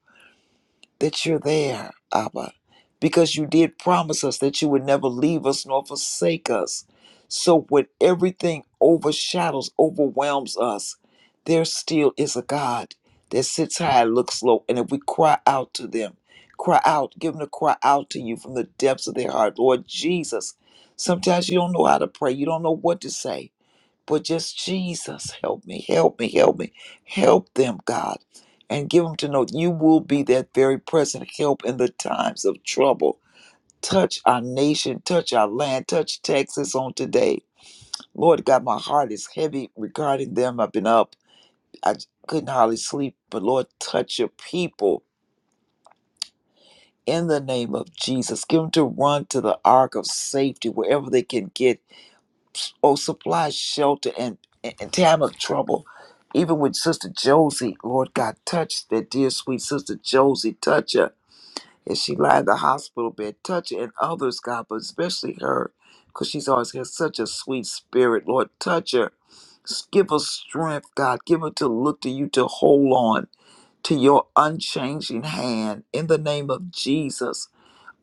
that you're there, Abba, because you did promise us that you would never leave us nor forsake us. So when everything overshadows, overwhelms us, there still is a God that sits high, and looks low, and if we cry out to them, cry out, give them to cry out to you from the depths of their heart, Lord Jesus. Sometimes you don't know how to pray, you don't know what to say. But just Jesus, help me, help me, help me, help them, God, and give them to know you will be that very present help in the times of trouble. Touch our nation, touch our land, touch Texas on today. Lord God, my heart is heavy regarding them. I've been up, I couldn't hardly sleep, but Lord, touch your people in the name of Jesus. Give them to run to the ark of safety wherever they can get oh, supply shelter and in time of trouble. Even with Sister Josie, Lord God, touch that dear sweet Sister Josie, touch her as she lie in the hospital bed, touch her and others, God, but especially her, because she's always had such a sweet spirit. Lord, touch her. S- Give her strength, God. Give her to look to you to hold on to your unchanging hand. In the name of Jesus,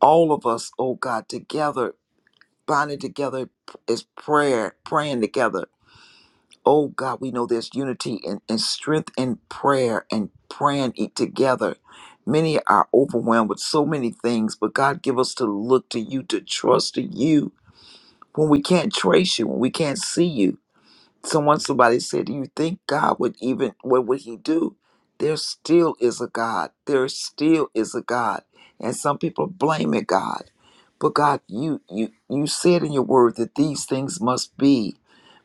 all of us, oh God, together, bonding together is prayer, praying together Oh God, we know there's unity and, and strength in prayer and praying it together. Many are overwhelmed with so many things, but God, give us to look to you, to trust to you when we can't trace you, when we can't see you. Someone, somebody said, Do you think God would even, what would he do? There still is a God. There still is a God. And some people blame it, God. But God, you you you said in your word that these things must be.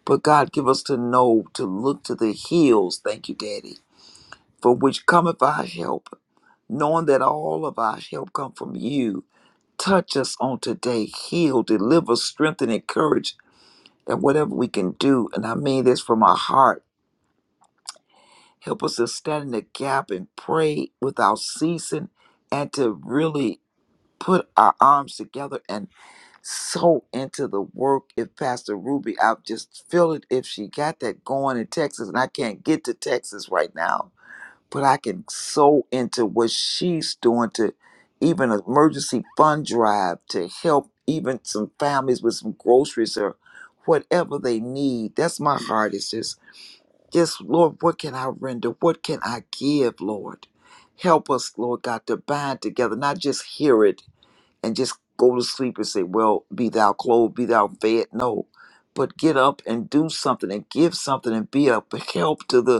But God, give us to know to look to the hills, thank you, Daddy, for which cometh our help, knowing that all of our help come from you. Touch us on today, heal, deliver, strengthen, encourage, that whatever we can do, and I mean this from our heart, help us to stand in the gap and pray without ceasing and to really put our arms together and. so into the work if Pastor Ruby, I just feel it if she got that going in Texas, and I can't get to Texas right now, but I can so into what she's doing to even an emergency fund drive to help even some families with some groceries or whatever they need. That's my heart. It's just, just Lord, what can I render? What can I give, Lord? Help us, Lord God, to bind together, not just hear it, and just go to sleep and say, Well, be thou clothed, be thou fed. No, but get up and do something and give something and be a help to the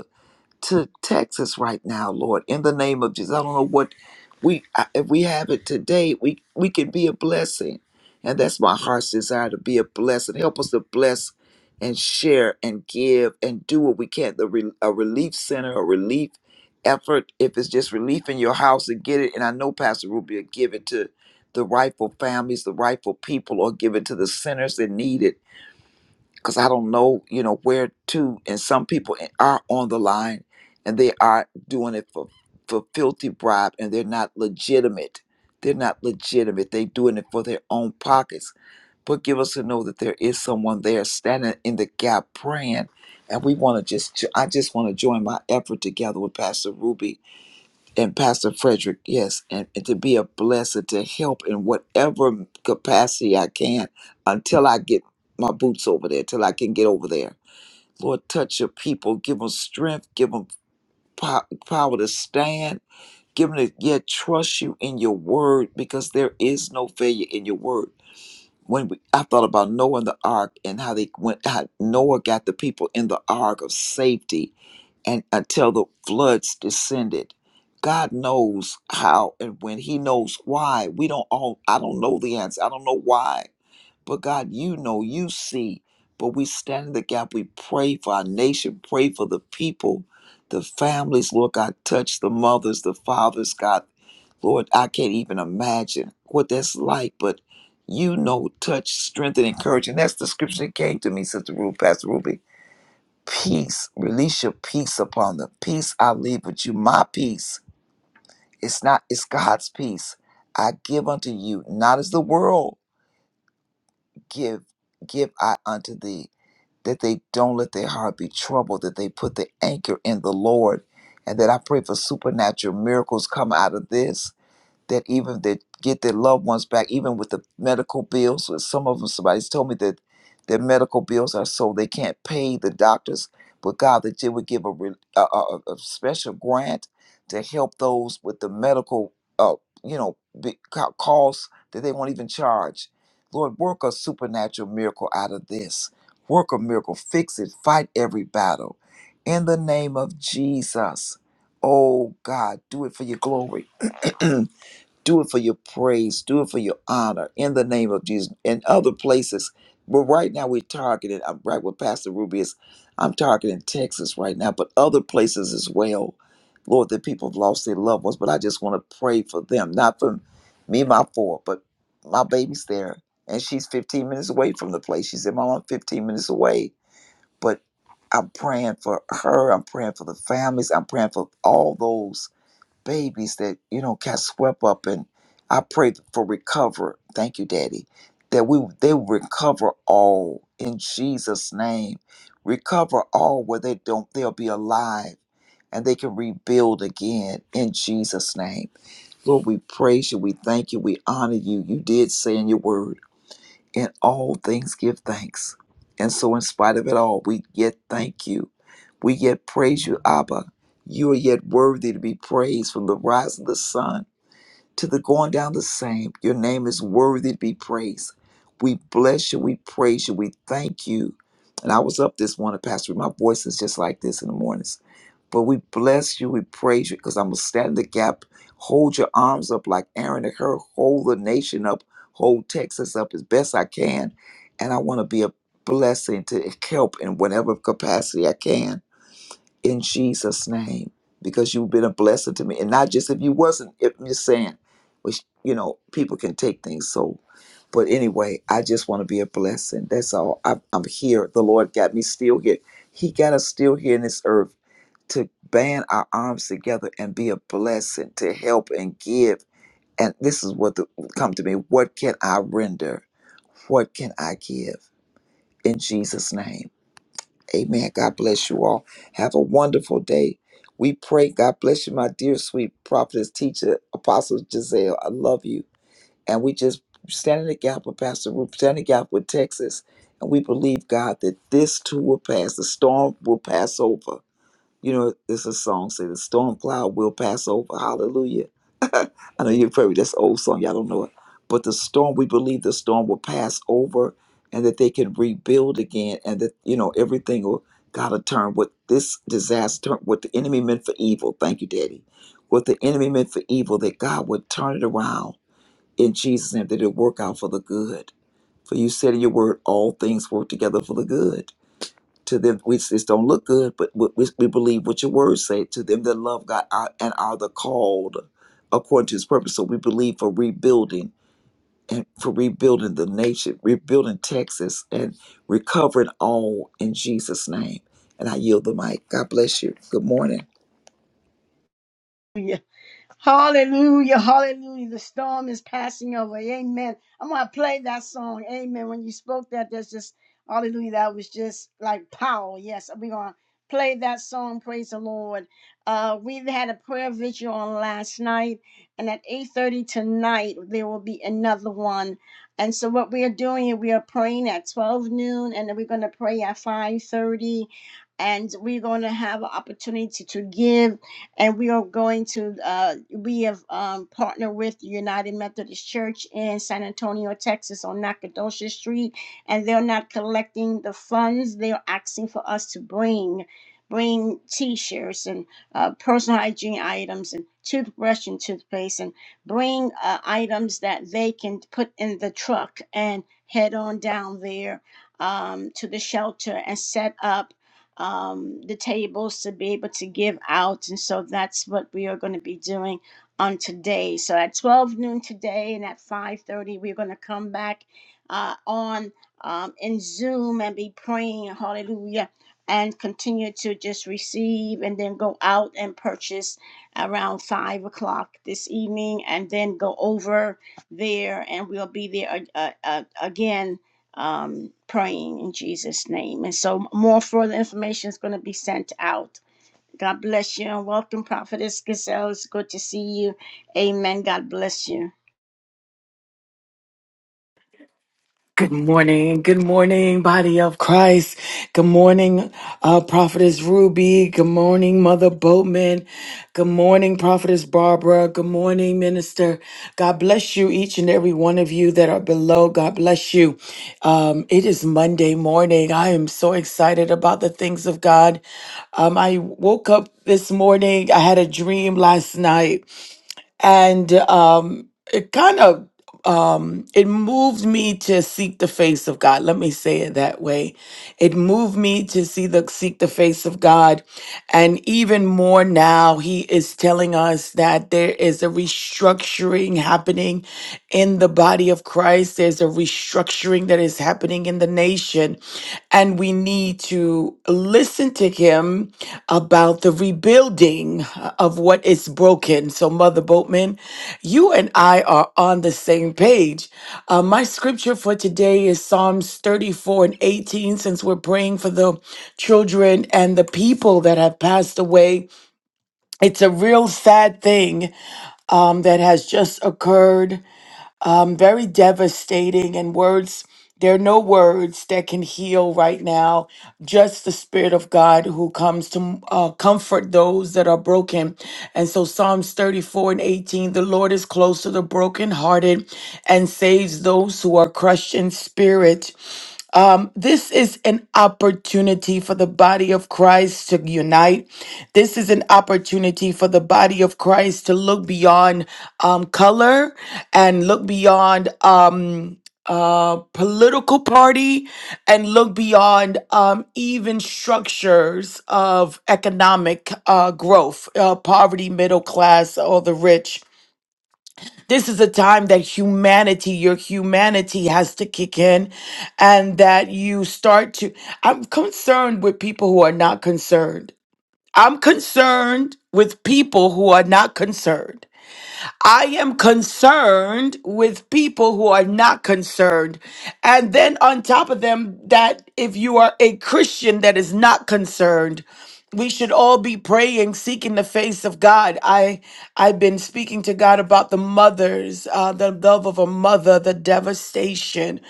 to Texas right now, Lord, in the name of Jesus. I don't know what we I- if we have it today, we we can be a blessing, and that's my heart's desire to be a blessing. Help us to bless and share and give and do what we can. The re, a relief center, a relief effort, if it's just relief in your house, to get it. And I know Pastor Ruby will give it to the rightful families, the rightful people, or give it to the sinners that need it because I don't know, you know, where to. And some people are on the line and they are doing it for, for filthy bribe and they're not legitimate. They're not legitimate. They're doing it for their own pockets. But give us to know that there is someone there standing in the gap praying. And we want to just, I just want to join my effort together with Pastor Ruby and Pastor Frederick, yes, and, and to be a blessing, to help in whatever capacity I can until I get my boots over there, till I can get over there. Lord, touch your people, give them strength, give them po- power to stand, give them to yet trust you in your word because there is no failure in your word. When we, I thought about Noah and the ark and how they went, how Noah got the people in the ark of safety and until the floods descended. God knows how and when he knows why. We don't all I don't know the answer. I don't know why. But God, you know, you see. But we stand in the gap. We pray for our nation, pray for the people, the families, Lord God, touch the mothers, the fathers, God. Lord, I can't even imagine what that's like, but you know, touch, strengthen, encourage. And that's the scripture that came to me, Sister Ruby, Pastor Ruby peace. Release your peace upon them. Peace I leave with you. My peace. It's not, it's God's peace. I give unto you, not as the world give, give I unto thee, that they don't let their heart be troubled, that they put the anchor in the Lord. And that I pray for supernatural miracles come out of this that even that get their loved ones back, even with the medical bills. With some of them, somebody's told me that their medical bills are so they can't pay the doctors. But God, that you would give a, re- a, a, a special grant to help those with the medical, uh, you know, big co- costs that they won't even charge. Lord, work a supernatural miracle out of this. Work a miracle. Fix it. Fight every battle. In the name of Jesus. Oh God, do it for your glory. Do it for your praise. Do it for your honor in the name of Jesus In other places. But right now we're targeting, I'm right with Pastor Ruby is. I'm targeting Texas right now, but other places as well. Lord, that people have lost their loved ones, but I just want to pray for them. Not for me, my four, but my baby's there. And she's 15 minutes away from the place. She said, Mom, I'm 15 minutes away. But I'm praying for her. I'm praying for the families. I'm praying for all those babies that you know got swept up and i pray for recover thank you daddy that we they will recover all in jesus name recover all where they don't they'll be alive and they can rebuild again in jesus name lord we praise you we thank you we honor you you did say in your word in all things, give thanks. And so, in spite of it all, we yet thank you. We yet praise you, Abba. You are yet worthy to be praised from the rise of the sun to the going down the same. Your name is worthy to be praised. We bless you. We praise you. We thank you. And I was up this morning, Pastor. My voice is just like this in the mornings. But we bless you, we praise you, because I'm going to stand in the gap. Hold your arms up like Aaron and her. Hold the nation up. Hold Texas up as best I can. And I want to be a blessing to help in whatever capacity I can in Jesus' name, because you've been a blessing to me. And not just if you wasn't, if you're saying, which, you know, people can take things so. But anyway, I just want to be a blessing. That's all. I, I'm I'm here. The Lord got me still here. He got us still here in this earth to band our arms together and be a blessing to help and give. And this is what the, come to me. What can I render? What can I give? In Jesus' name. Amen. God bless you all. Have a wonderful day. We pray. God bless you, my dear sweet prophetess, teacher, apostle Giselle. I love you. And we just stand in the gap with Pastor Ruth, stand in the gap with Texas. And we believe, God, that this too will pass. The storm will pass over you know, it's a song say the storm cloud will pass over. Hallelujah. I know you're probably that's an old song, y'all don't know it. But the storm, we believe the storm will pass over and that they can rebuild again and that, you know, everything will gotta turn what this disaster what the enemy meant for evil. Thank you, Daddy. What the enemy meant for evil, that God would turn it around in Jesus' name, that it'll work out for the good. For you said in your word, all things work together for the good to them, we just don't look good, but we, we believe what your words say. To them that love God are, and are the called according to His purpose. So we believe for rebuilding and for rebuilding the nation, rebuilding Texas, and recovering all in Jesus' name. And I yield the mic. God bless you. Good morning.
Hallelujah, hallelujah. The storm is passing over. Amen. I'm going to play that song. Amen. When you spoke that, that's just, hallelujah, that was just like power. Yes, we're going to play that song. Praise the Lord. Uh, we've had a prayer vigil on last night, and at 8.30 tonight, there will be another one. And so what we are doing, is we are praying at 12 noon, and then we're going to pray at 5.30, and we're going to have an opportunity to give and we are going to uh, we have um, partnered with the united methodist church in san antonio texas on nacogdoches street and they're not collecting the funds they're asking for us to bring bring t-shirts and uh, personal hygiene items and toothbrush and toothpaste and bring uh, items that they can put in the truck and head on down there um, to the shelter and set up um, the tables to be able to give out. And so that's what we are going to be doing on today. So at 12 noon today and at 5.30, we're going to come back uh, on um, in Zoom and be praying, hallelujah, and continue to just receive and then go out and purchase around 5 o'clock this evening and then go over there and we'll be there uh, uh, uh, again um, praying in Jesus' name. And so, more further information is going to be sent out. God bless you and welcome, Prophetess Gazelle. It's good to see you. Amen. God bless you.
Good morning. Good morning, body of Christ. Good morning, uh, prophetess Ruby. Good morning, mother Boatman. Good morning, prophetess Barbara. Good morning, minister. God bless you, each and every one of you that are below. God bless you. Um, it is Monday morning. I am so excited about the things of God. Um, I woke up this morning. I had a dream last night and um, it kind of um, it moved me to seek the face of God. Let me say it that way. It moved me to see the seek the face of God, and even more now, He is telling us that there is a restructuring happening in the body of Christ. There's a restructuring that is happening in the nation, and we need to listen to him about the rebuilding of what is broken. So, Mother Boatman, you and I are on the same page. Uh, my scripture for today is Psalms 34 and 18, since we're praying for the children and the people that have passed away. It's a real sad thing um, that has just occurred um, very devastating. And words, there are no words that can heal right now. Just the Spirit of God who comes to uh, comfort those that are broken. And so, Psalms 34 and 18 the Lord is close to the brokenhearted and saves those who are crushed in spirit. Um, this is an opportunity for the body of Christ to unite. This is an opportunity for the body of Christ to look beyond um, color and look beyond. Um, uh, political party and look beyond um, even structures of economic uh, growth, uh, poverty, middle class, or the rich. This is a time that humanity, your humanity has to kick in and that you start to. I'm concerned with people who are not concerned. I'm concerned with people who are not concerned. I am concerned with people who are not concerned. And then on top of them, that if you are a Christian that is not concerned, we should all be praying seeking the face of god i i've been speaking to god about the mothers uh, the love of a mother the devastation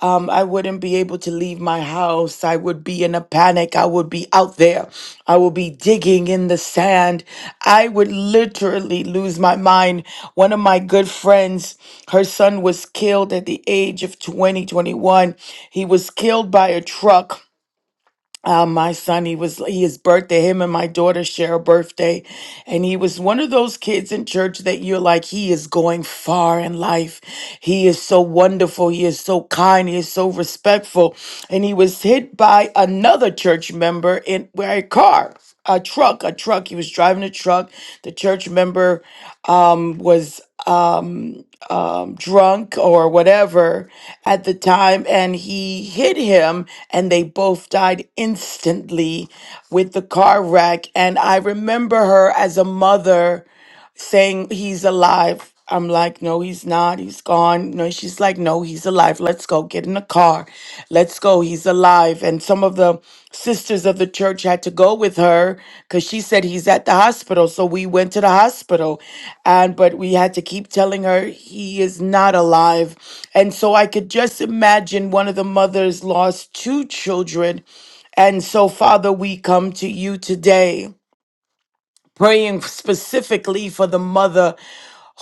um, i wouldn't be able to leave my house i would be in a panic i would be out there i would be digging in the sand i would literally lose my mind one of my good friends her son was killed at the age of 20, 21. he was killed by a truck uh, my son, he was he his birthday. Him and my daughter share a birthday, and he was one of those kids in church that you're like, he is going far in life. He is so wonderful. He is so kind. He is so respectful. And he was hit by another church member in where a car, a truck, a truck. He was driving a truck. The church member um, drunk or whatever at the time, and he hit him, and they both died instantly with the car wreck. And I remember her as a mother saying he's alive. I'm like, no, he's not. He's gone. No, she's like, no, he's alive. Let's go. Get in the car. Let's go. He's alive. And some of the sisters of the church had to go with her because she said he's at the hospital. So we went to the hospital. And, but we had to keep telling her he is not alive. And so I could just imagine one of the mothers lost two children. And so, Father, we come to you today praying specifically for the mother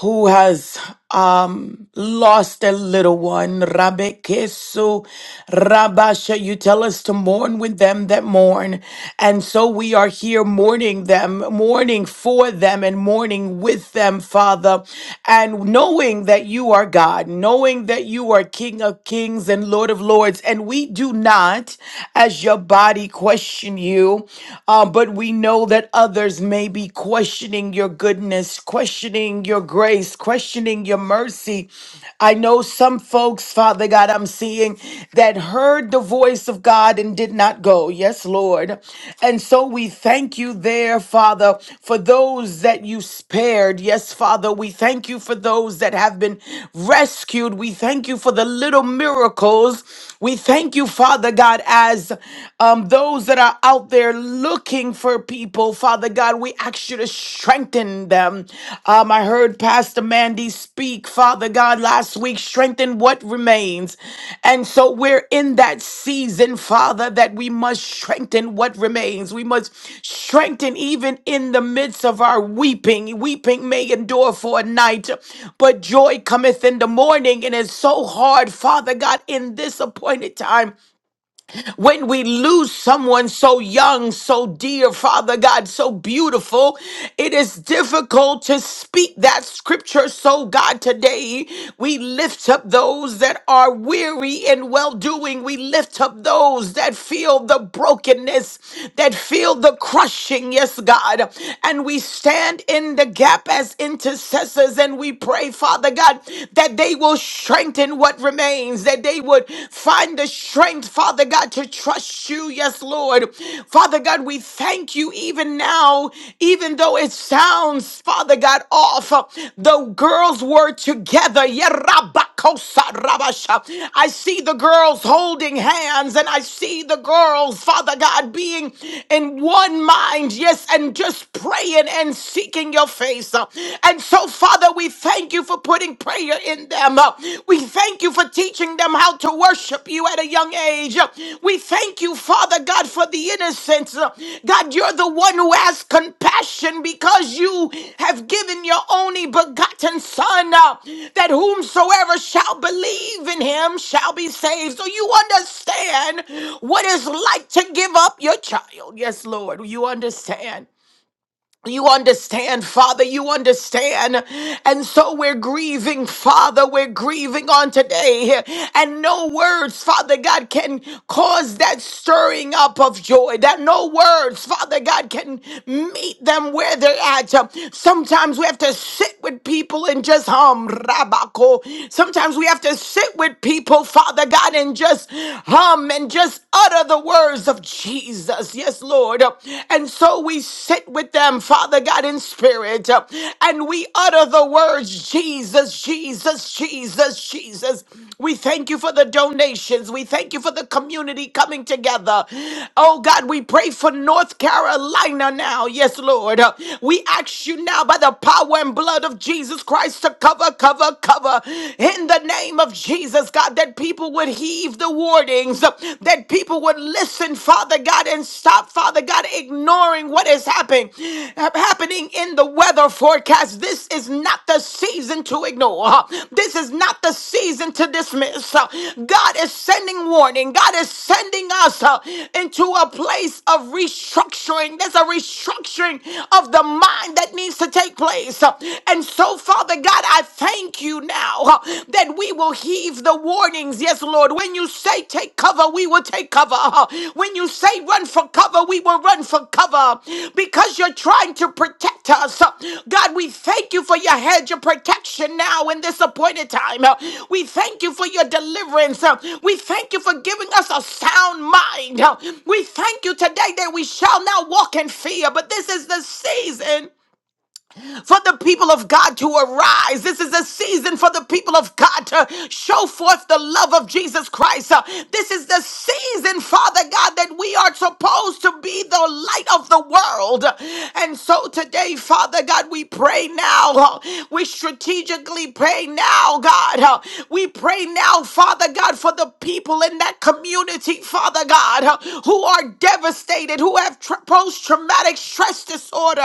who has um, lost a little one. Rabbe Kesu, Rabasha, you tell us to mourn with them that mourn. And so we are here mourning them, mourning for them, and mourning with them, Father. And knowing that you are God, knowing that you are King of kings and Lord of lords. And we do not, as your body, question you. um, uh, but we know that others may be questioning your goodness, questioning your grace, questioning your mercy. I know some folks, Father God, I'm seeing that heard the voice of God and did not go. Yes, Lord. And so we thank you there, Father, for those that you spared. Yes, Father, we thank you for those that have been rescued. We thank you for the little miracles. We thank you, Father God, as um um, those that are out there looking for people, Father God, we ask you to strengthen them. Um, I heard Pastor Mandy speak, Father God, last week, strengthen what remains. And so we're in that season, Father, that we must strengthen what remains. We must strengthen even in the midst of our weeping. Weeping may endure for a night, but joy cometh in the morning. And it's so hard, Father God, in this appointed time when we lose someone so young, so dear, Father God, so beautiful, it is difficult to speak that scripture. So, God, today we lift up those that are weary and well doing. We lift up those that feel the brokenness, that feel the crushing, yes, God. And we stand in the gap as intercessors and we pray, Father God, that they will strengthen what what remains, that they would find the strength, Father God, to trust you. Yes, Lord. Father God, we thank you even now, even though it sounds, Father God, off. The girls were together. Yerabakosa rabasha. I see the girls holding hands and I see the girls, Father God, being in one mind, yes, and just praying and seeking your face. And so, Father, we thank you for putting prayer in them. Uh, We thank you for teaching them how to worship you at a young age. Uh, We thank you, Father God, for the innocence. Uh, God, you're the one who has compassion because you have given your only begotten Son, uh, that whomsoever shall believe in him shall be saved. So you understand what it's like to give up your child. Yes, Lord, you understand. You understand, Father, you understand. And so we're grieving, Father, we're grieving on today. And no words, Father God, can cause that stirring up of joy. That no words, Father God, can meet them where they're at. Sometimes we have to sit with people and just hum, rabako. Sometimes we have to sit with people, Father God, and just hum and just utter the words of Jesus. Jesus. Yes, Lord. And so we sit with them, Father God, in spirit, and we utter the words Jesus, Jesus, Jesus, Jesus. We thank you for the donations. We thank you for the community coming together. Oh God, we pray for North Carolina now. Yes, Lord. We ask you now by the power and blood of Jesus Christ to cover, cover, cover in the name of Jesus, God, that people would would heed the warnings, that people would listen, Father God, and stop, Father God, ignoring what is happening, happening in the weather forecast. This is not the season to ignore. This is not the season to dismiss. God is sending warning. God is sending us uh, into a place of restructuring. There's a restructuring of the mind that needs to take place. And so, Father God, I thank thank you now uh, that we will heed the warnings. Yes, Lord. When you say take cover, we will take cover. uh, When you say run for cover, we will run for cover because you're trying to protect us. Uh, God, we thank you for your hedge of protection now in this appointed time. Uh, We thank you for your deliverance. Uh, We thank you for giving us a sound mind. Uh, We thank you today that we shall not walk in fear, but this is the season for the people of God to arise. This is a season for the people of God to show forth the love of Jesus Christ. Uh, This is the season, Father God, that we are supposed to be the light of the world. And so today, Father God, we pray now. uh, We strategically pray now, God. uh, We pray now, Father God, for the people in that community, Father God. God, uh, who are devastated, who have post traumatic stress disorder.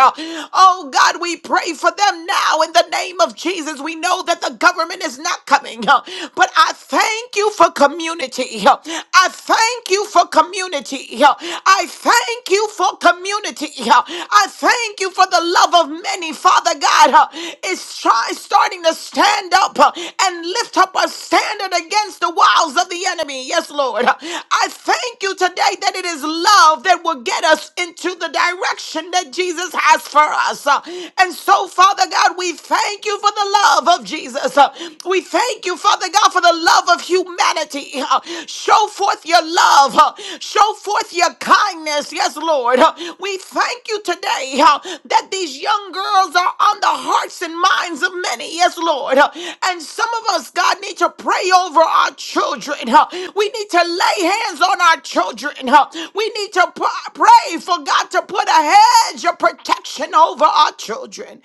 Oh God, we pray for them now in the name of Jesus. We know that the government is not coming, uh, but I thank you for community. uh, I thank you for community. uh, I thank you for community. uh, I thank you for the love of many, Father God. uh, It's try, starting to stand up uh, and lift up a standard against the wiles of the enemy. Yes, Lord. I thank you today that it is love that will get us into the direction that Jesus has for us. Uh, And so, Father God, we thank you for the love of Jesus. Uh, We thank you, Father God, for the love of humanity. Uh, Show forth your love. Uh, Show forth your kindness. Yes, Lord. Lord. Uh, We thank you today uh, that these young girls are on the hearts and minds of many. Yes, Lord. Uh, And some of us, God, need to pray over our children. uh, We need to lay hands on our children. uh, We need to p- pray for God to put a hedge of protection over our children.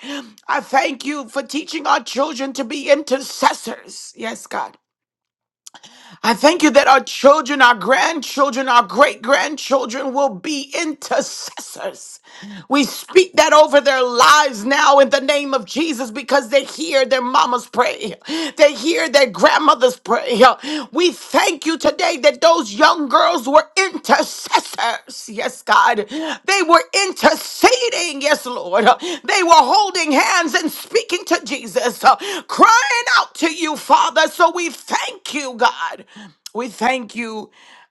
I thank you for teaching our children to be intercessors. Yes, God. I thank you that our children, our grandchildren, our great grandchildren will be intercessors. We speak that over their lives now in the name of Jesus because they hear their mama's pray, They hear their grandmother's pray. We thank you today that those young girls were intercessors. Yes, God. They were intercessors interceding. Yes, Lord. They were holding hands and speaking to Jesus, uh, crying out to you, Father. So we thank you, God. We thank you.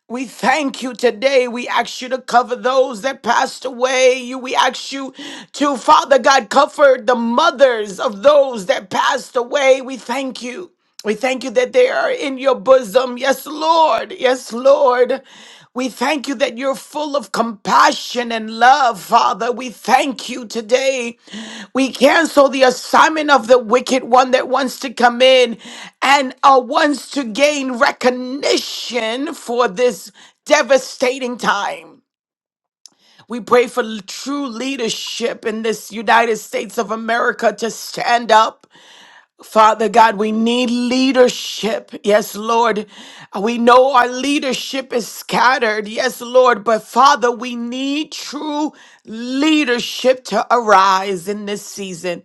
We thank you today. We ask you to cover those that passed away. You, we ask you to, Father God, cover the mothers of those that passed away. We thank you. We thank you that they are in your bosom. Yes, Lord. Yes, Lord. We thank you that you're full of compassion and love, Father. We thank you today. We cancel the assignment of the wicked one that wants to come in and uh, wants to gain recognition for this devastating time. We pray for l- true leadership in this United States of America to stand up Father God, we need leadership. Yes, Lord. We know our leadership is scattered. Yes, Lord. But Father, we need true leadership to arise in this season.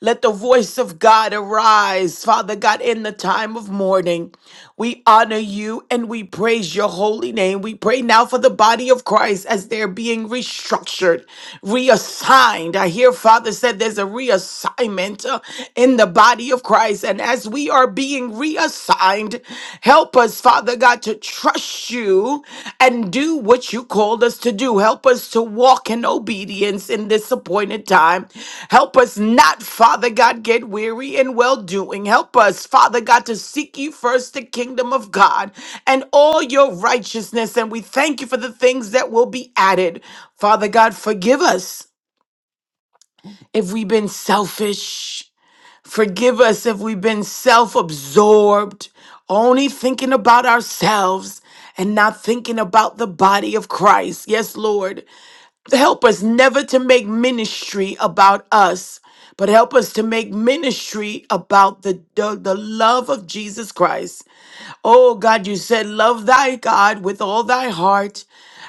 Let the voice of God arise, Father God, in the time of mourning. We honor you and we praise your holy name. We pray now for the body of Christ as they're being restructured, reassigned. I hear Father said there's a reassignment assignment uh, in the body of Christ. And as we are being reassigned, help us, Father God, to trust you and do what you called us to do. Help us to walk in obedience in this appointed time. Help us not, Father God, get weary in well doing. Help us, Father God, to seek you first the kingdom of God and all your righteousness. And we thank you for the things that will be added. Father God, forgive us if we've been selfish. Forgive us if we've been self absorbed, only thinking about ourselves and not thinking about the body of Christ. Yes, Lord. Help us never to make ministry about us, but help us to make ministry about the, the, the love of Jesus Christ Oh God, you said, Love thy God with all thy heart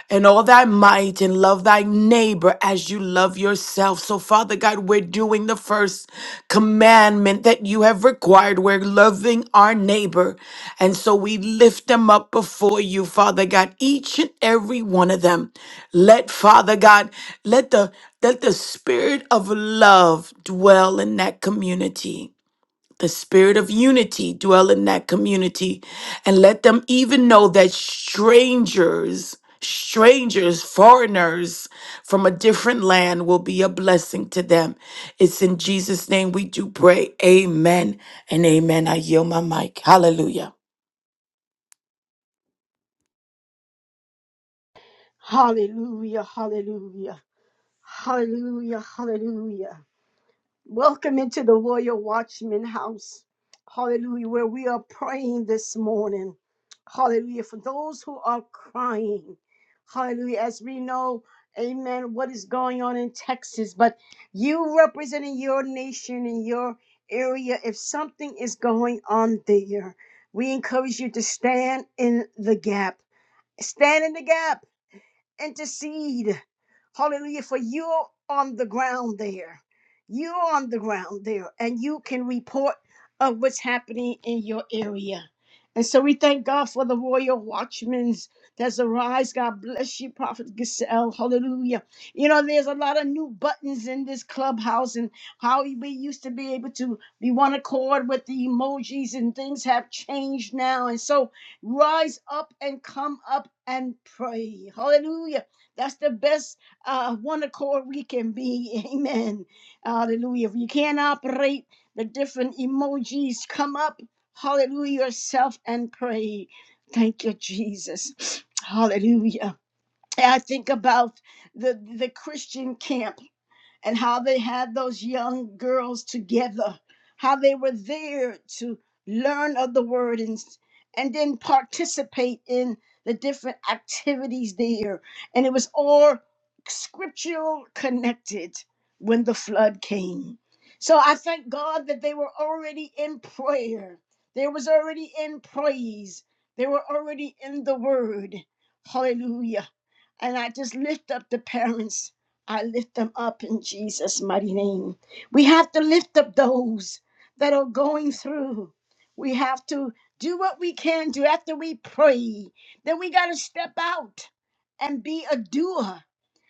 and all thy might, and love thy neighbor as you love yourself. So, Father God, we're doing the first commandment that you have required. We're loving our neighbor. And so we lift them up before you, Father God, each and every one of them. Let, Father God, let the let the spirit of love dwell in that community the spirit of unity dwell in that community and let them even know that strangers strangers foreigners from a different land will be a blessing to them it's in jesus name we do pray amen and amen i yield my mic hallelujah
Hallelujah, hallelujah, hallelujah, hallelujah. Welcome into the Royal Watchman House. Hallelujah, where we are praying this morning. Hallelujah, for those who are crying. Hallelujah, as we know, amen, what is going on in Texas, but you representing your nation and your area, if something is going on there, we encourage you to stand in the gap. Stand in the gap intercede. Hallelujah. For you're on the ground there. You're on the ground there, and you can report of what's happening in your area. And so we thank God for the royal watchmen that's arise. God bless you, Prophet Giselle. Hallelujah. You know, there's a lot of new buttons in this clubhouse and how we used to be able to be one accord with the emojis and things have changed now. And so rise up and come up and pray. Hallelujah. That's the best uh, one accord we can be. Amen. Hallelujah. If you can't operate the different emojis, come up, hallelujah, yourself and pray. Thank you, Jesus. Hallelujah. I think about the, the Christian camp and how they had those young girls together, how they were there to learn of the word and, and then participate in the different activities there. And it was all scriptural connected when the flood came. So I thank God that they were already in prayer. They was already in praise. They were already in the word. Hallelujah. And I just lift up the parents. I lift them up in Jesus' mighty name. We have to lift up those that are going through. We have to do what we can do after we pray. Then we got to step out and be a doer.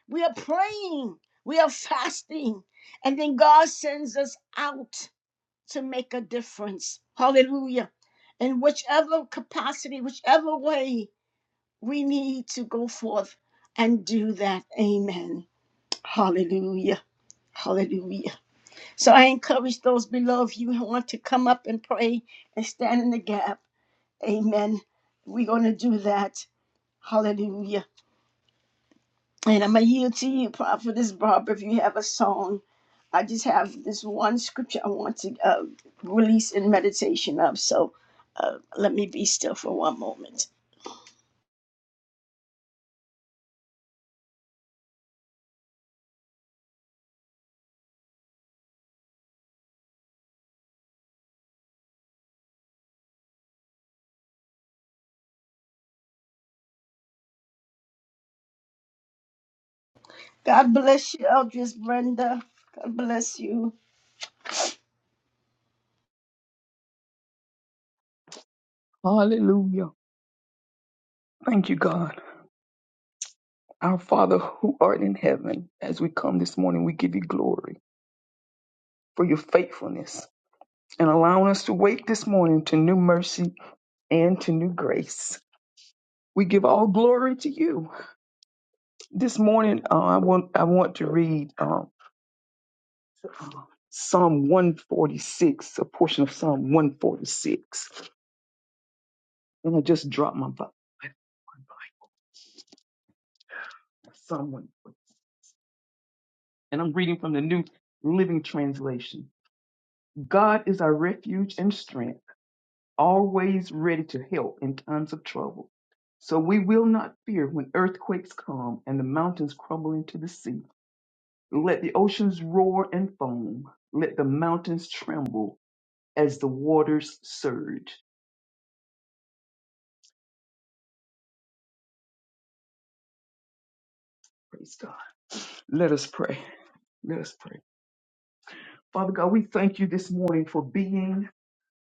We are praying, we are fasting, and then God sends us out to make a difference. Hallelujah. In whichever capacity, whichever way, we need to go forth and do that. Amen. Hallelujah. Hallelujah. So I encourage those below of you who want to come up and pray and stand in the gap. Amen. We're going to do that. Hallelujah. And I'm going to yield to you, Prophetess Barbara, if you have a song. I just have this one scripture I want to uh, release in meditation of. So uh, let me be still for one moment. God bless you, Eldris Brenda. God bless you.
Hallelujah. Thank you, God. Our Father who art in heaven, as we come this morning, we give you glory for your faithfulness and allowing us to wake this morning to new mercy and to new grace. We give all glory to you. This morning, uh, I want I want to read um, Psalm 146, a portion of Psalm 146, and I just dropped my Bible. Psalm 146, and I'm reading from the New Living Translation. God is our refuge and strength, always ready to help in times of trouble. So we will not fear when earthquakes come and the mountains crumble into the sea. Let the oceans roar and foam. Let the mountains tremble as the waters surge. Praise God. Let us pray. Let us pray. Father God, we thank you this morning for being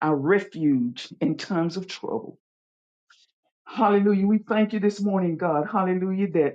our refuge in times of trouble. Hallelujah. We thank you this morning, God. Hallelujah. That.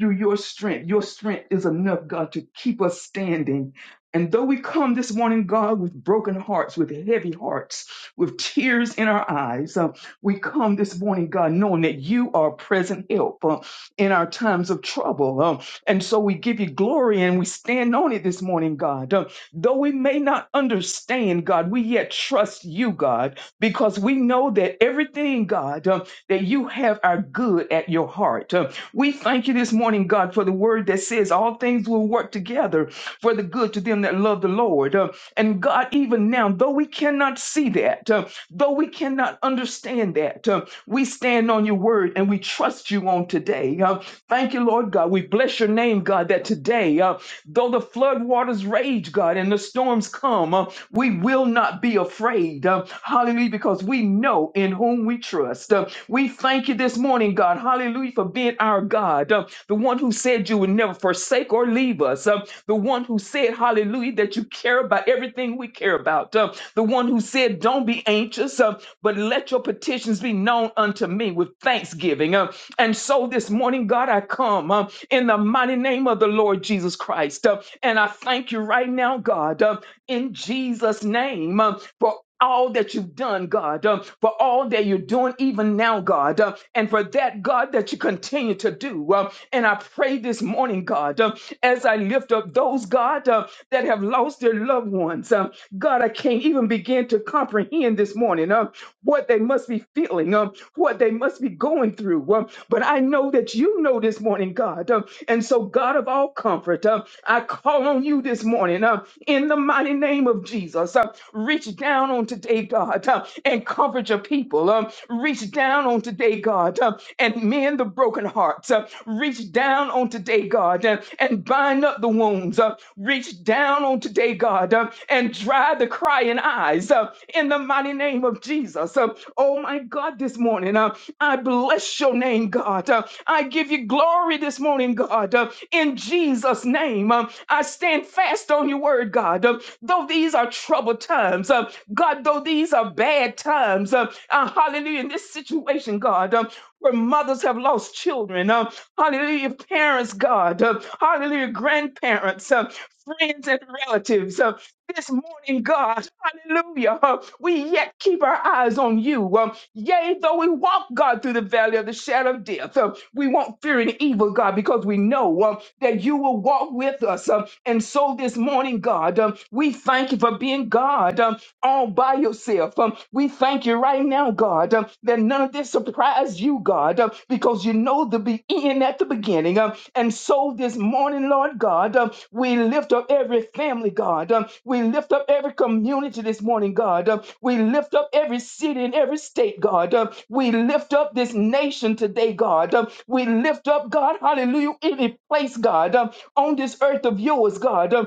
through your strength. Your strength is enough, God, to keep us standing. And though we come this morning, God, with broken hearts, with heavy hearts, with tears in our eyes, uh, we come this morning, God, knowing that you are present help uh, in our times of trouble. Um, and so we give you glory and we stand on it this morning, God. Um, though we may not understand, God, we yet trust you, God, because we know that everything, God, um, that you have our good at your heart. Um, we thank you this morning, God, for the word that says all things will work together for the good to them that love the Lord. Uh, and God, even now, though we cannot see that, uh, though we cannot understand that, uh, we stand on your word and we trust you on today. Uh, thank you, Lord God. We bless your name, God, that today, uh, though the flood waters rage, God, and the storms come, uh, we will not be afraid. Uh, hallelujah, because we know in whom we trust. Uh, we thank you this morning, God. Hallelujah, for being our God, uh, the one who said, said you would never forsake or leave us, um, the one who said, Hallelujah, that you care about everything we care about, um, the one who said, Don't be anxious, um, but let your petitions be known unto me with thanksgiving. Um, and so this morning, God, I come um, in the mighty name of the Lord Jesus Christ. um, and I thank you right now, God. um, in Jesus' name um, for all that you've done, God, um, for all that you're doing even now, God, um, and for that, God, that you continue to do. um, and I pray this morning, God, um, as I lift up those, God, um, that have lost their loved ones. um, God, I can't even begin to comprehend this morning um, what they must be feeling, um, what they must must be going through. Um, but I know that you know this morning, God. Um, and so, God of all comfort, um, I call on you this morning um, in the mighty name of Jesus. Um, reach down on today, God, um, and comfort your people. Um, reach down on today, God, um, and mend the broken hearts. Um, reach down on today, God, um, and bind up the wounds. Uh, uh, reach down on today, God, uh, and dry the crying eyes uh, in the mighty name of Jesus. Uh, oh my God, this morning, uh, I bless your name, God. Uh, I give you glory this morning, God. Uh, in Jesus' name, um, I stand fast on your word, God. Um, though these are troubled times, um, God, though these are bad times, um, uh, hallelujah, in this situation, God, um, where mothers have lost children, um, hallelujah, parents, God, um, hallelujah, grandparents, uh, friends and relatives. Uh, this morning, God, hallelujah, uh, we yet keep our eyes on you. Um, yea, though we walk, God, through the valley of the shadow of death, uh, we won't fear any evil, God, because we know um, that you will walk with us. Um, and so this morning, God, um, we thank you for being God. Um, all by yourself. Um, we thank you right now, God, um, that none of this surprised you, God, um, because you know the beginning at the beginning. Um, and so this morning, Lord God, um, we lift up every family, God. Um, we lift up every community this morning, God. Um, we lift up every city and every state, God. Um, we lift up this nation today, God. Um, we lift up, God, hallelujah, any place, God, um, on this earth of yours, God. Um,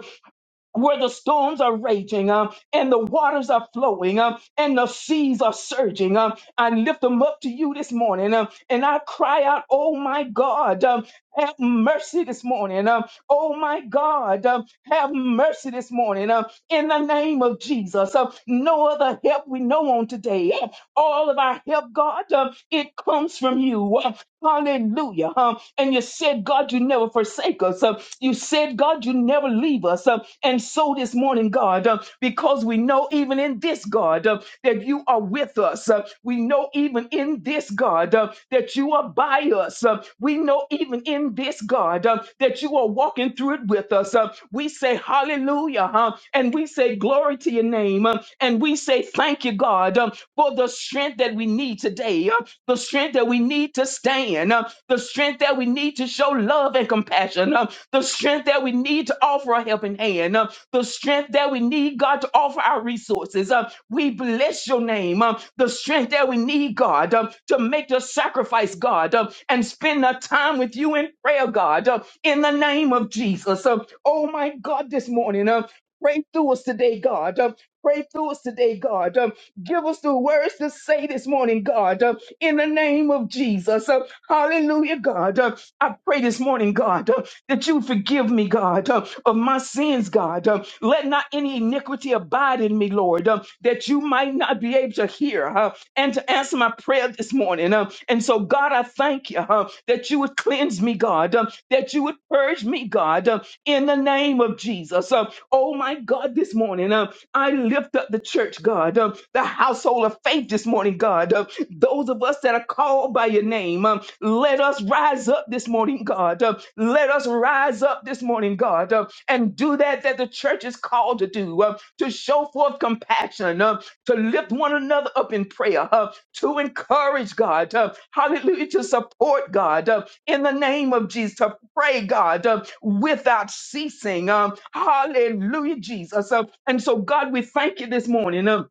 where the storms are raging um, and the waters are flowing um, and the seas are surging. Um, I lift them up to you this morning um, and I cry out, Oh my God, um, have mercy this morning. Um, oh my God, um, have mercy this morning. Um, in the name of Jesus, um, no other help we know on today. Um, all of our help, God, um, it comes from you. Um, hallelujah. Um, and you said, God, you never forsake us. Uh, you said, God, you never leave us. Uh, and so this morning, God, uh, because we know even in this, God, uh, that you are with us. Uh, we know even in this, God, uh, that you are by us. Uh, we know even in this, God, uh, that you are walking through it with us. Uh, we say hallelujah, huh? and we say glory to your name. Uh, and we say thank you, God, uh, for the strength that we need today, uh, the strength that we need to stand. uh, the strength that we need to show love and compassion, um, the strength that we need to offer a helping hand, um, the strength that we need, God, to offer our resources. Um, we bless your name, um, the strength that we need, God, um, to make the sacrifice, God, um, and spend the time with you in prayer, God, um, in the name of Jesus. Um, oh, my God, this morning, um, pray through us today, God. Um, pray through us today, God. um, Give us the words to say this morning, God, uh, in the name of Jesus. Uh, Hallelujah, God. Uh, I pray this morning, God, uh, that you forgive me, God, uh, of my sins, God. Uh, Let not any iniquity abide in me, Lord, uh, that you might not be able to hear uh, and to answer my prayer this morning. Uh, And so, God, I thank you uh, that you would cleanse me, God, uh, that you would purge me, God, uh, in the name of Jesus. Uh, Oh, my God, this morning, uh, I lift up the church, God, um, the household of faith this morning, God. Um, those of us that are called by your name, um, let us rise up this morning, God. Um, let us rise up this morning, God, um, and do that that the church is called to do, um, to show forth compassion, um, to lift one another up in prayer, uh, to encourage God, uh, hallelujah, to support God. uh, in the name of Jesus to pray, God, uh, without ceasing. Um, hallelujah, Jesus. Uh, and so, God, we thank you this morning. Um,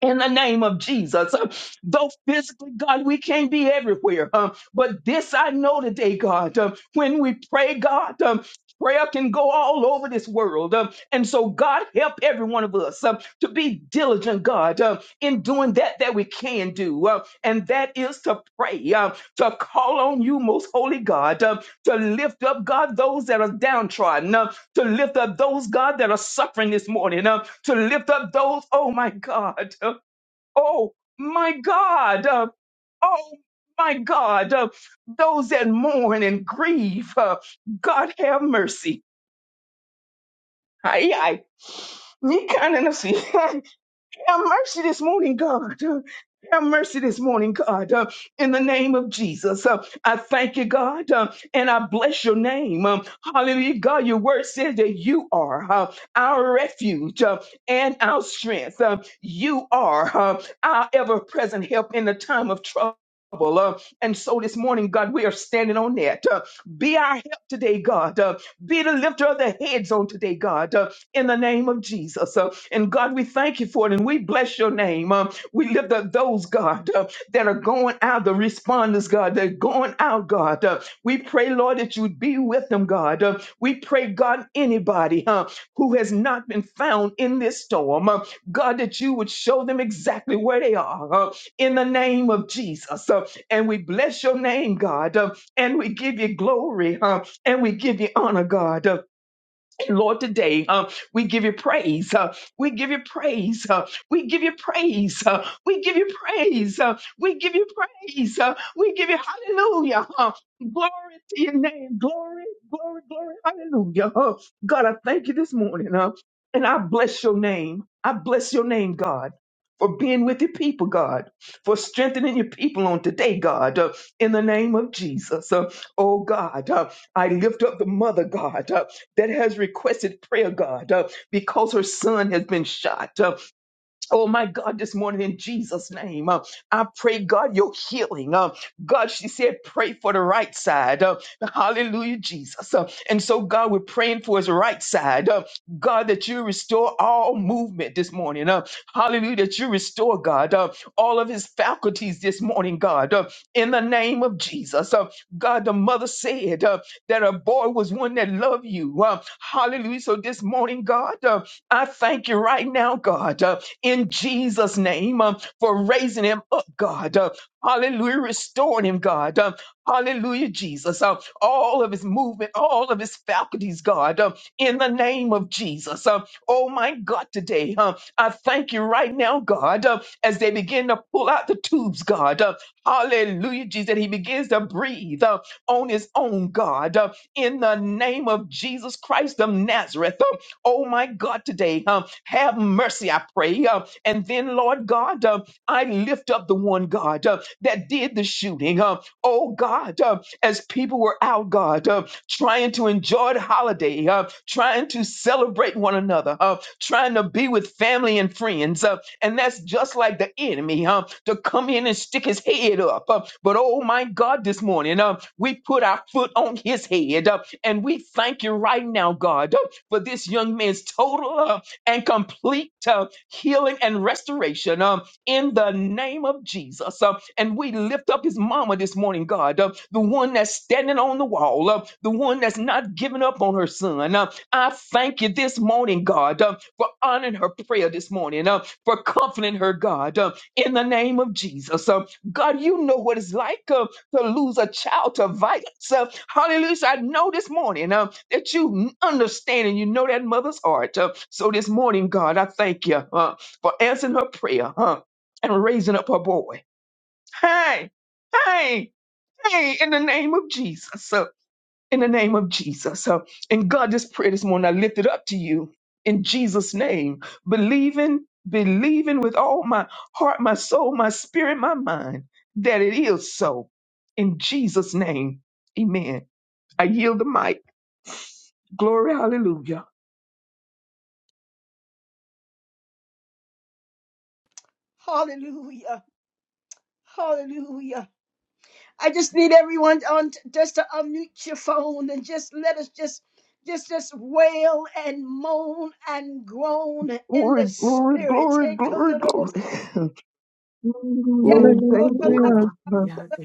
in the name of Jesus. Uh, Though physically, God, we can't be everywhere. Um, but this I know today, God, um, when we pray, God, um, prayer can go all over this world. Um, and so, God, help every one of us um, to be diligent, God, um, in doing that that we can do. Um, and that is to pray, um, to call on you, most holy God, um, to lift up, God, those that are downtrodden, um, to lift up those, God, that are suffering this morning. um, to lift up those, oh my God, uh, oh my God, uh, oh my God, uh, those that mourn and grieve. uh, God have mercy. Aye, aye. Ni kana na si. Have mercy this morning, God. Have mercy this morning, God, uh, in the name of Jesus. Uh, I thank you, God, uh, and I bless your name. Um, hallelujah, God, your word says that you are uh, our refuge uh, and our strength. Uh, you are uh, our ever present help in the time of trouble. Uh, and so this morning, God, we are standing on that. Uh, be our help today, God. Uh, be the lifter of the heads on today, God in the name of Jesus. Uh, and God, we thank you for it and we bless your name. Um, we lift up those, God, uh, that are going out, the responders, God, that are going out, God. Uh, we pray, Lord, that you'd be with them, God. Uh, we pray, God, anybody uh, who has not been found in this storm, uh, God, that you would show them exactly where they are uh, in the name of Jesus. Uh, and we bless your name, God, uh, and we give you glory uh, and we give you honor, God. Uh, Lord, today uh, we give you praise. uh, we give you praise. uh, we give you praise. uh, we give you praise. uh, we give you praise. uh, we give you hallelujah. uh, glory to your name. Glory, glory, glory. Hallelujah. Uh, God, I thank you this morning. uh, and I bless your name. I bless your name, God. For being with your people, God, for strengthening your people on today, God, uh, in the name of Jesus. Uh, oh, God, uh, I lift up the mother, God. Uh, that has requested prayer, God, uh, because her son has been shot. Uh, Oh my God, this morning in Jesus' name, uh, I pray God your healing. Uh, God, she said, pray for the right side. Uh, hallelujah, Jesus. Uh, and so, God, we're praying for his right side. Uh, God, that you restore all movement this morning. Uh, hallelujah, that you restore, God, uh, all of his faculties this morning, God, uh, in the name of Jesus. Uh, God, the mother said uh, that her boy was one that loved you. Uh, hallelujah. So, this morning, God, uh, I thank you right now, God. Uh, in Jesus' name uh, for raising him up, God. Uh, hallelujah, restoring him, God. Uh, hallelujah, Jesus. Uh, all of his movement, all of his faculties, God, uh, in the name of Jesus. Uh, oh, my God, today, uh, I thank you right now, God, uh, as they begin to pull out the tubes, God. Uh, hallelujah, Jesus. that He begins to breathe uh, on his own, God, uh, in the name of Jesus Christ of Nazareth. Uh, Oh my God, today, um, have mercy, I pray. Um, and then, Lord God, um, I lift up the one, God, uh, that did the shooting. Um, oh God, uh, as people were out, God, uh, trying to enjoy the holiday, uh, trying to celebrate one another, uh, trying to be with family and friends. Uh, and that's just like the enemy uh, to come in and stick his head up. Uh, but oh my God, this morning, uh, we put our foot on his head uh, and we thank you right now, God for this young man's total uh, and complete uh, healing and restoration um, in the name of Jesus. Uh, and we lift up his mama this morning, God, uh, the one that's standing on the wall, uh, the one that's not giving up on her son. Uh, I thank you this morning, God, uh, for honoring her prayer this morning, uh, for comforting her, God, uh, in the name of Jesus. Uh, God, you know what it's like uh, to lose a child to violence. Uh, hallelujah. I know this morning. Uh, that you understand and you know that mother's heart. Uh, so this morning, God, I thank you uh, for answering her prayer huh, and raising up her boy. Hey, hey, hey, in the name of Jesus. Uh, in the name of Jesus. Uh, and God, this prayer this morning, I lift it up to you in Jesus' name, believing, believing with all my heart, my soul, my spirit, my mind that it is so. In Jesus' name, amen. I yield the mic. Glory, hallelujah.
Hallelujah. Hallelujah. I just need everyone on t- just to unmute your phone and just let us just just just wail and moan and groan in
Glory,
the
glory,
spirit.
glory,
Hey, come to
glory,
the
glory.
most- yet,
Glory,
Mm,
oh,
Thank you,
come
glory,
up
Hallelujah.
God.
to the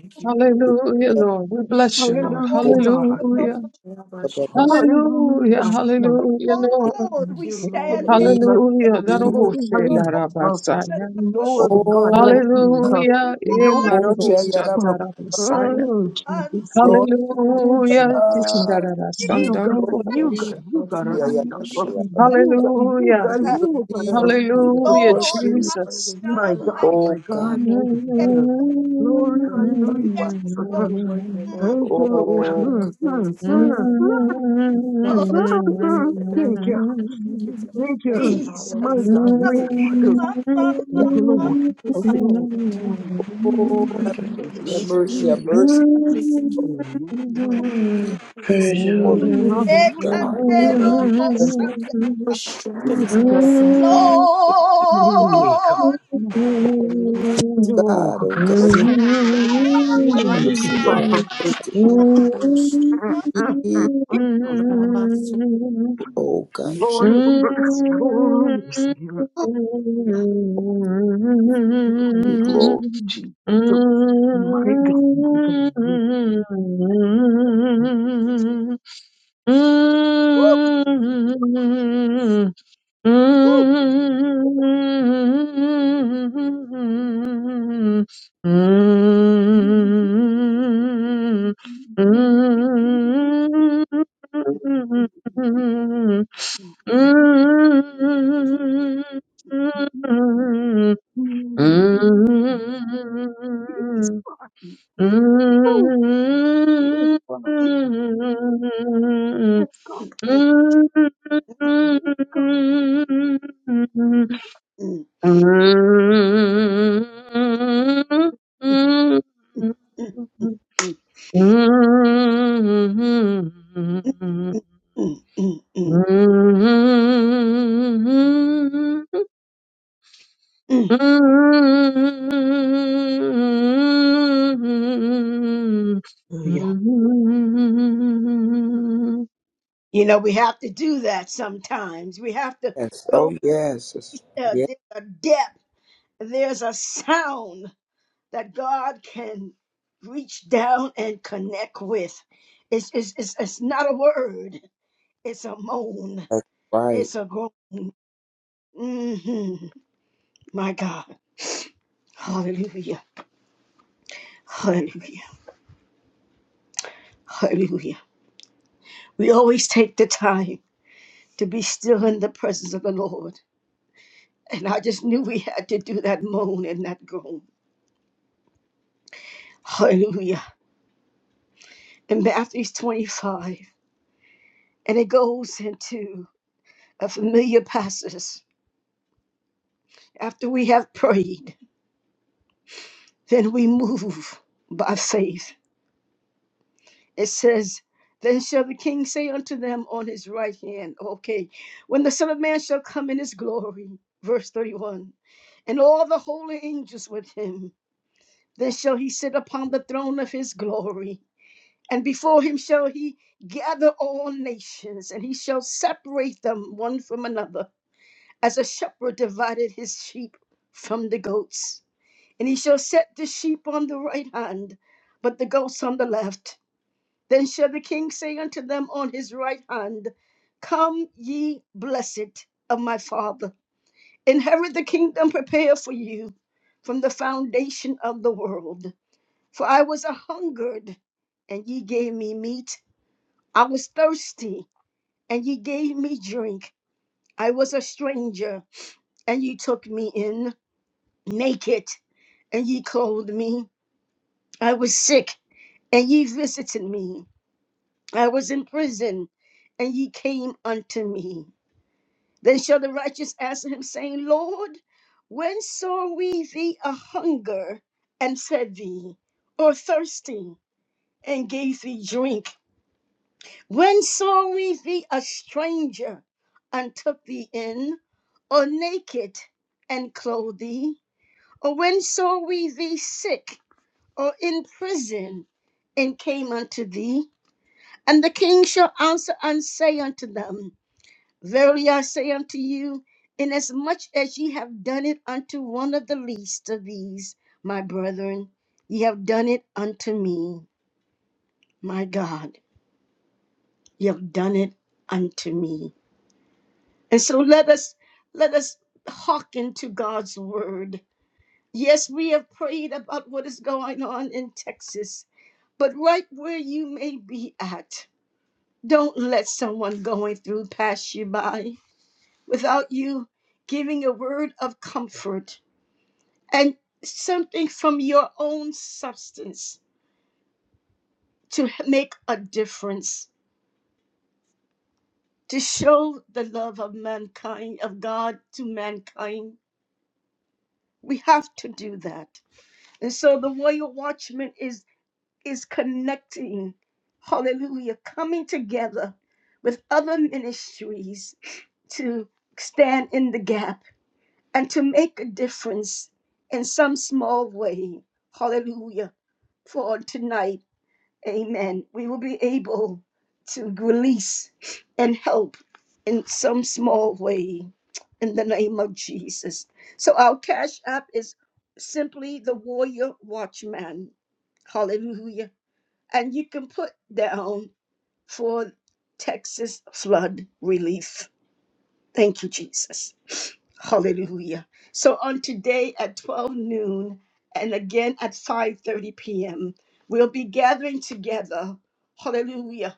glory.
Hallelujah,
Yeah,
Lord. We bless you,
top,
Lord.
oh,
Hallelujah, God.
come to the
Hallelujah.
most-
oh, ba, ba, ba.
Hallelujah,
Hallelujah,
God.
hallelujah,
oh,
Lord.
Lord, we
Thank
stand in
you,
Jesus,
Lord.
the
Hallelujah,
gap
Jesus,
of the
Glory,
Daraboshe
Jesus.
most-
hallelujah.
of
Darabasaya.
the
No
most-
other God like
Oh,
you.
God.
Huh?
Lord,
Hallelujah, e
No
oh,
other
yeah, yeah,
Emarabosha
da, ba,
God.
ba, ba.
my
Darabasaya.
Oh,
God,
Jesus.
Lord,
Oh,
Hallelujah,
uh,
Jesus. Huh?
God.
Tisharara
You God,
Sandarobo.
Lord
you
Jesus.
God, you God
Yeah,
around.
yeah,
You
yeah, yeah, yeah, yeah.
God, you
Hallelujah,
God,
We
Jesus,
look
you
to
God
you, to
around.
hallelujah,
trust
Lord,
you.
my
Jesus.
My
God, my
God, my
Oh God.
God, my
God.
God. Glory,
Turn it
hallelujah,
around,
Yes,
Jesus.
Lord.
Lord. Mm,
Thank you,
Oh God.
Lord.
Oh,
Thank you,
Mm-hmm.
thank you.
Jesus.
Jesus.
My God, my
Um,
God.
Yeah.
Mm-hmm.
um, um,
yeah.
Thank
um,
you, Lord. Thank
um, um.
you, Lord. Jesus,
Oh, have mercy,
Jesus,
have mercy, have
Jesus,
mercy. Jesus. Oh God. Have
Ekanderobosanda.
mercy.
Jesus.
Jesus.
Lord.
God, oh God,
Um, um,
have mercy,
um,
Lord, have
um,
mercy.
um. um.
Jesus.
Oh,
Oh God, Jesus,
Lord bless,
Mm-hmm.
Lord bless mercy. Lord.
Hallelujah.
be glory.
Jesus. My God, my God.
Mm-hmm.
Mm,
Yes, God.
mm,
Oh, yes, God.
mm,
Yes, God. Yes, God.
mm, mm, mm.
All
Hallelujah. You know, we have to do that sometimes. We have to
Yes, oh
go
yes, yes,
uh,
yes,
there's a depth. There's a sound. that God can reach down and connect with. It's, it's, it's, it's not a word, it's a moan,
right.
it's a groan. hmm My God. Hallelujah. Hallelujah. Hallelujah. We always take the time to be still in the presence of the Lord. And I just knew we had to do that moan and that groan. Hallelujah. In Matthew 25, and it goes into a familiar passage after we have prayed. Then we move by faith. It says, Then shall the king say unto them on his right hand, Okay, when the Son of Man shall come in his glory, verse 31, and all the holy angels with him, then shall he sit upon the throne of his glory. And before him shall he gather all nations, and he shall separate them one from another, as a shepherd divided his sheep from the goats. And he shall set the sheep on the right hand, but the goats on the left. Then shall the king say unto them on his right hand, Come ye blessed of my father, inherit the kingdom prepared for you from the foundation of the world. For I was a hungered, and ye gave me meat. I was thirsty, and ye gave me drink. I was a stranger, and ye took me in naked, and ye clothed me. I was sick and ye visited me. I was in prison, and ye came unto me. Then shall the righteous answer him, saying, Lord, when saw we thee a hunger and fed thee, or thirsty and gave thee drink? When saw we thee a stranger and took thee in, or naked and clothed thee? Or when saw we thee sick or in prison and came unto thee? And the king shall answer and say unto them, Verily I say unto you, inasmuch as ye have done it unto one of the least of these, my brethren, ye have done it unto me. My God, ye have done it unto me. And so let us let us hearken to God's word. Yes, we have prayed about what is going on in Texas, but right where you may be at, don't let someone going through pass you by. without you giving a word of comfort and something from your own substance to make a difference, to show the love of mankind, of God to mankind. We have to do that. And so the warrior watchman is is connecting, hallelujah, coming together with other ministries to stand in the gap and to make a difference in some small way. Hallelujah. For on tonight, amen, we will be able to release and help in some small way in the name of Jesus. So our cash app is simply the warrior watchman. Hallelujah. And you can put down for Texas flood relief. Thank you, Jesus. Hallelujah. So on today at 12 noon and again at 5:30 p.m., we'll be gathering together. Hallelujah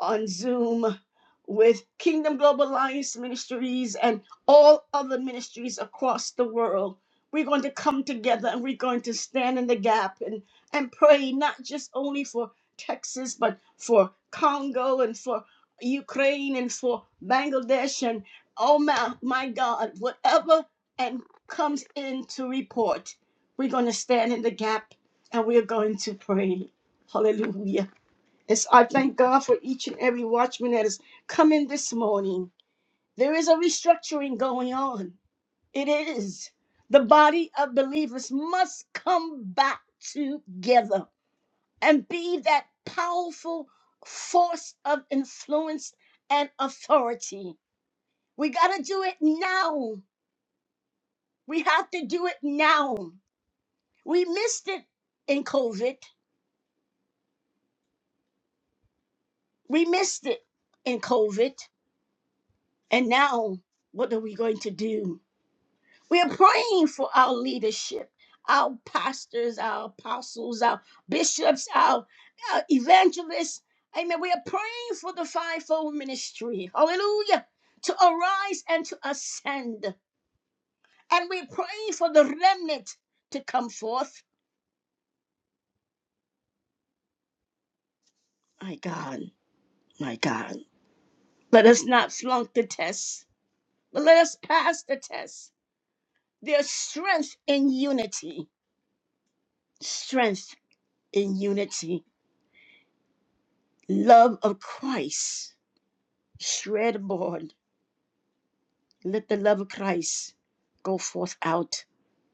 on Zoom with Kingdom Global Alliance Ministries and all other ministries across the world. We're going to come together and we're going to stand in the gap and, and pray not just only for Texas, but for Congo and for Ukraine and for Bangladesh and oh my, my God, whatever and comes in to report, we're going to stand in the gap and we're going to pray. Hallelujah. It's, I thank God for each and every watchman that has come in this morning. There is a restructuring going on. It is. The body of believers must come back together and be that powerful force of influence and authority. We got to do it now. We have to do it now. We missed it in COVID. We missed it in COVID. And now, what are we going to do? We are praying for our leadership, our pastors, our apostles, our bishops, our uh, evangelists. Amen. We are praying for the fivefold ministry. Hallelujah. To arise and to ascend. And we're praying for the remnant to come forth. My God, my God. Let us not flunk the test, but let us pass the test. There's strength in unity. Strength in unity. Love of Christ Shred board. Let the love of Christ go forth out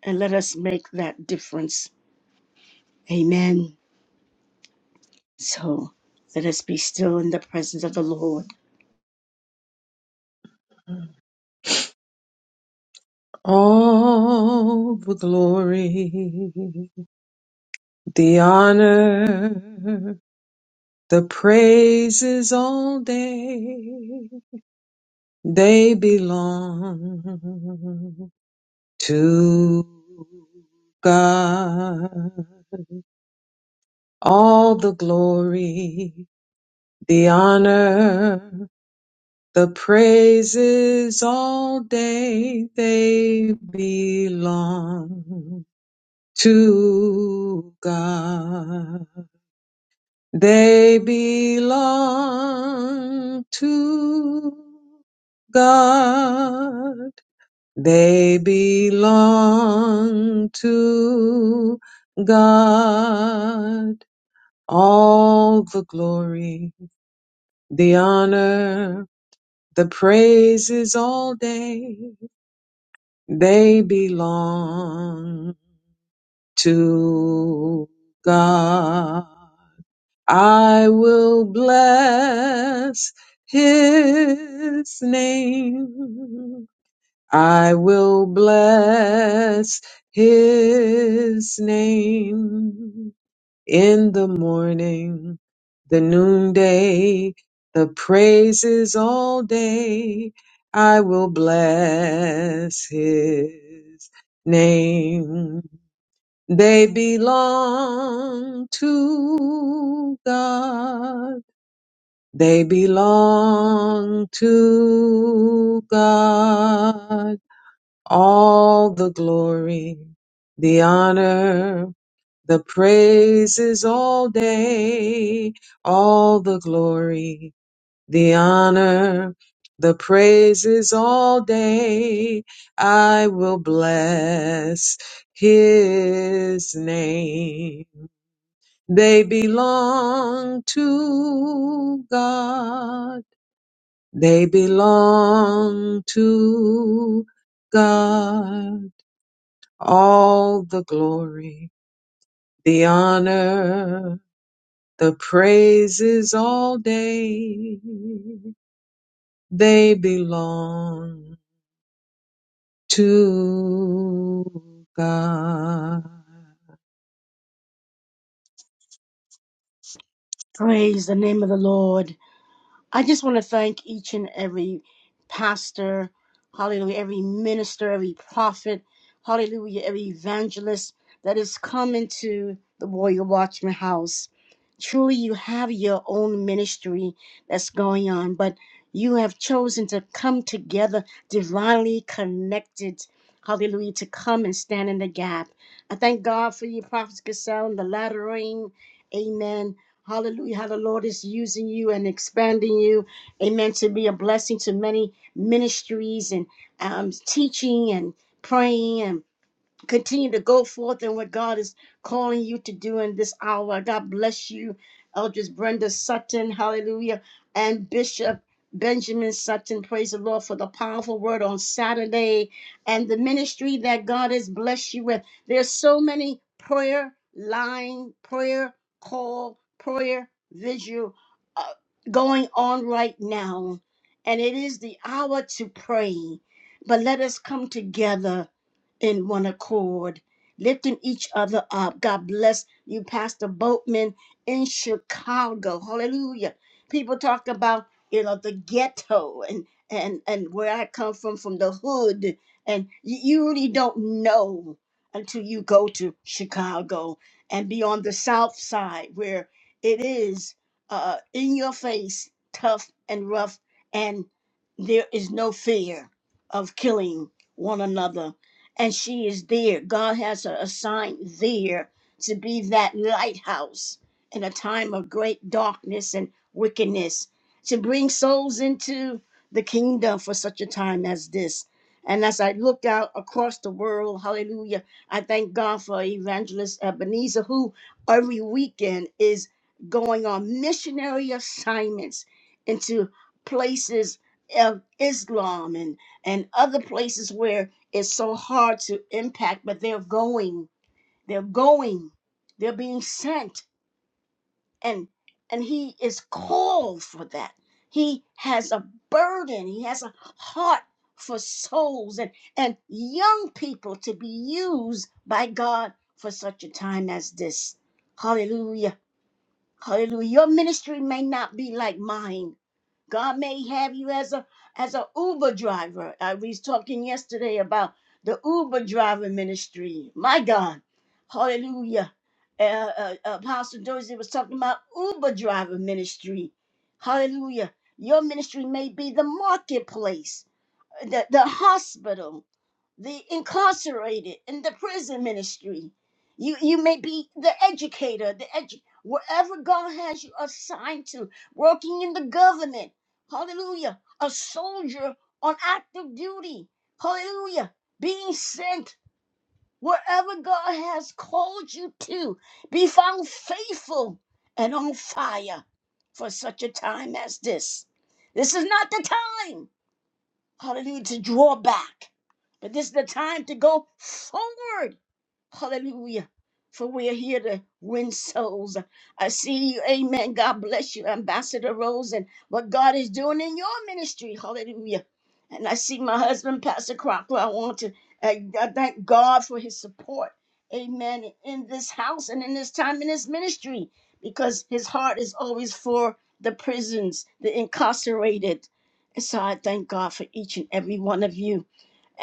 and let us make that difference. Amen. Lord.
the glory, the honor, the praises all day, they belong to God. All the glory, the honor, The praises all day they belong to God. They belong to God. They belong to God. All the glory, the honor, the praises all day They belong to God. I will bless his name. I will bless his name in the morning, the noonday, the praises all day. I will bless his name. They belong to God. They belong to God. All the glory, the honor, the praises all day, all the glory, the honor, the praises all day. I will bless his name. They belong to God. They belong to God. All the glory, the honor, The praises all day they belong to God.
Praise the name of the Lord. I just want to thank each and every pastor, hallelujah, every minister, every prophet, hallelujah, every evangelist that has come into the Warrior Watchman house. Truly, you have your own ministry that's going on, but you have chosen to come together divinely connected. Hallelujah, to come and stand in the gap. I thank God for you, Prophet Gasel, and the latter rain. Amen Hallelujah. How the Lord is using you and expanding you. Amen. To be a blessing to many ministries and um, teaching and praying and continue to go forth in what God is calling you to do in this hour. God bless you, Eldris Brenda Sutton, hallelujah, and Bishop Benjamin Sutton. Praise the Lord for the powerful word on Saturday and the ministry that God has blessed you with. There's so many prayer line, prayer call, prayer visual uh, going on right now. And it is the hour to pray. But let us come together in one accord, lifting each other up. God bless you, Pastor Boatman in Chicago. Hallelujah. People talk about you know the ghetto and and and where I come from from the the- and you, you know until you go to Chicago and be on the South Side where it is uh it is tough and rough and there is no fear of killing one another. And she is there. God has her assigned there to be that house in a time of great wickedness to bring souls into the kingdom for such a time as. And as I looked out across the world, hallelujah, I thank God for Evangelist Ebenezer, who every weekend is going on into places of Islam where it's so hard to impair going They're going. They're being sent. And and he is called for that. He has a burden. He has a heart for souls and, and young people to be used by God for such a time as this. Hallelujah. Hallelujah. Your ministry may not be like mine. God may have you as a as a Uber driver. I was talking yesterday about the Uber driver ministry. My God, Hallelujah! Uh, uh, Apostle Dorsey was talking about Uber driver ministry. Hallelujah! Your ministry may be the marketplace, the the hospital the incarcerated in the prison ministry you you may be the educator the edu- wherever god has you assigned to working in the government hallelujah a soldier on active duty hallelujah being sent wherever god has called you to be found faithful and on fire for such a time as this this is not the time hallelujah to draw back but this is the time to go forward. Hallelujah. For we are here to win souls. I see you. Amen. God bless you, Ambassador Rose, and what God is doing in your ministry. Hallelujah. And I see my husband, Pastor Crocker. I want to I, I thank God for his support. Amen. In this house and in this time in this ministry, because his heart is always for the prisons, the incarcerated. And so I thank God for each and every one of you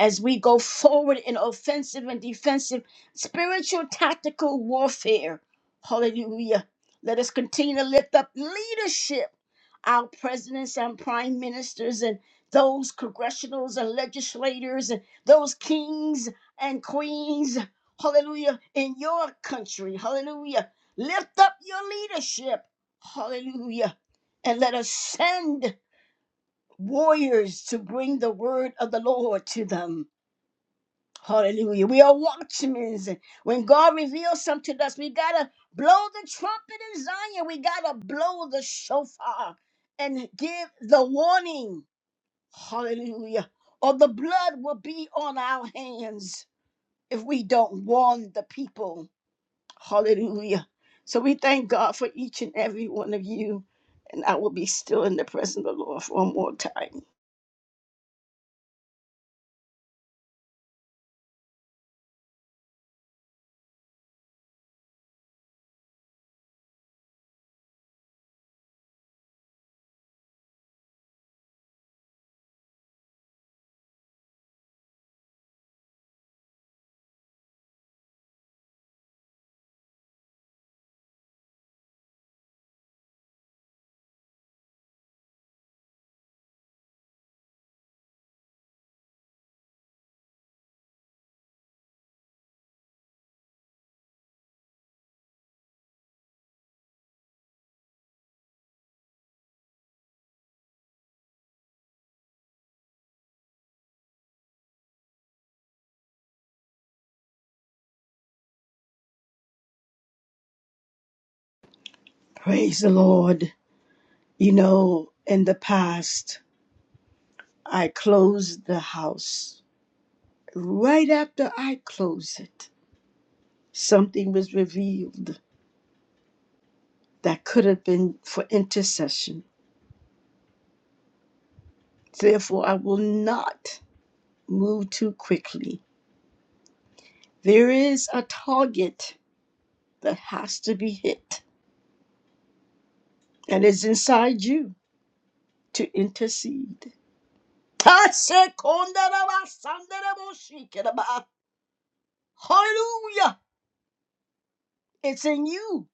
as we go forward in offensive and defensive spiritual tactical warfare. Hallelujah. Let us continue to lift up leadership, our presidents and prime ministers, and those congressionals and legislators, and those kings and queens. Hallelujah. In your country. Hallelujah. Lift up your leadership. Hallelujah. And let us send warriors to bring the word of the Lord to them. Hallelujah. We are watchmen. When God reveals something to us, we got to blow the trumpet in Zion. We got to blow the shofar and give the warning. Hallelujah. Or the blood will be on our hands if we don't warn the people. Hallelujah. So we thank God for each and every one of you. And I will be still in the presence of the Lord for one more time. Praise the Lord. You know, in the past, I closed the house. Right after I closed it, something was revealed that could have been for intercession. Therefore, I will not move too quickly. There is a target that has to be hit, and it's inside you to intercede. Tasekondarabasandaraboshikeraba. Hallelujah! It's in you.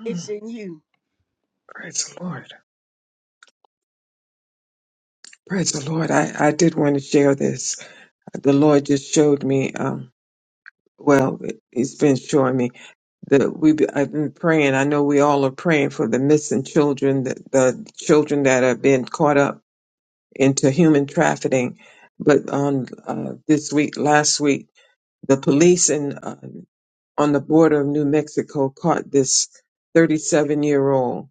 Mm,
It's in you.
Praise the Lord. Praise the Lord. I, I did want to share this. The Lord just showed me, um, well, He's been showing me that we I've been praying. I know we all are praying for the missing children, the, the children that have been caught up into human trafficking. But on uh, this week, last week, The police in, uh, on the border of New Mexico caught this 37 year old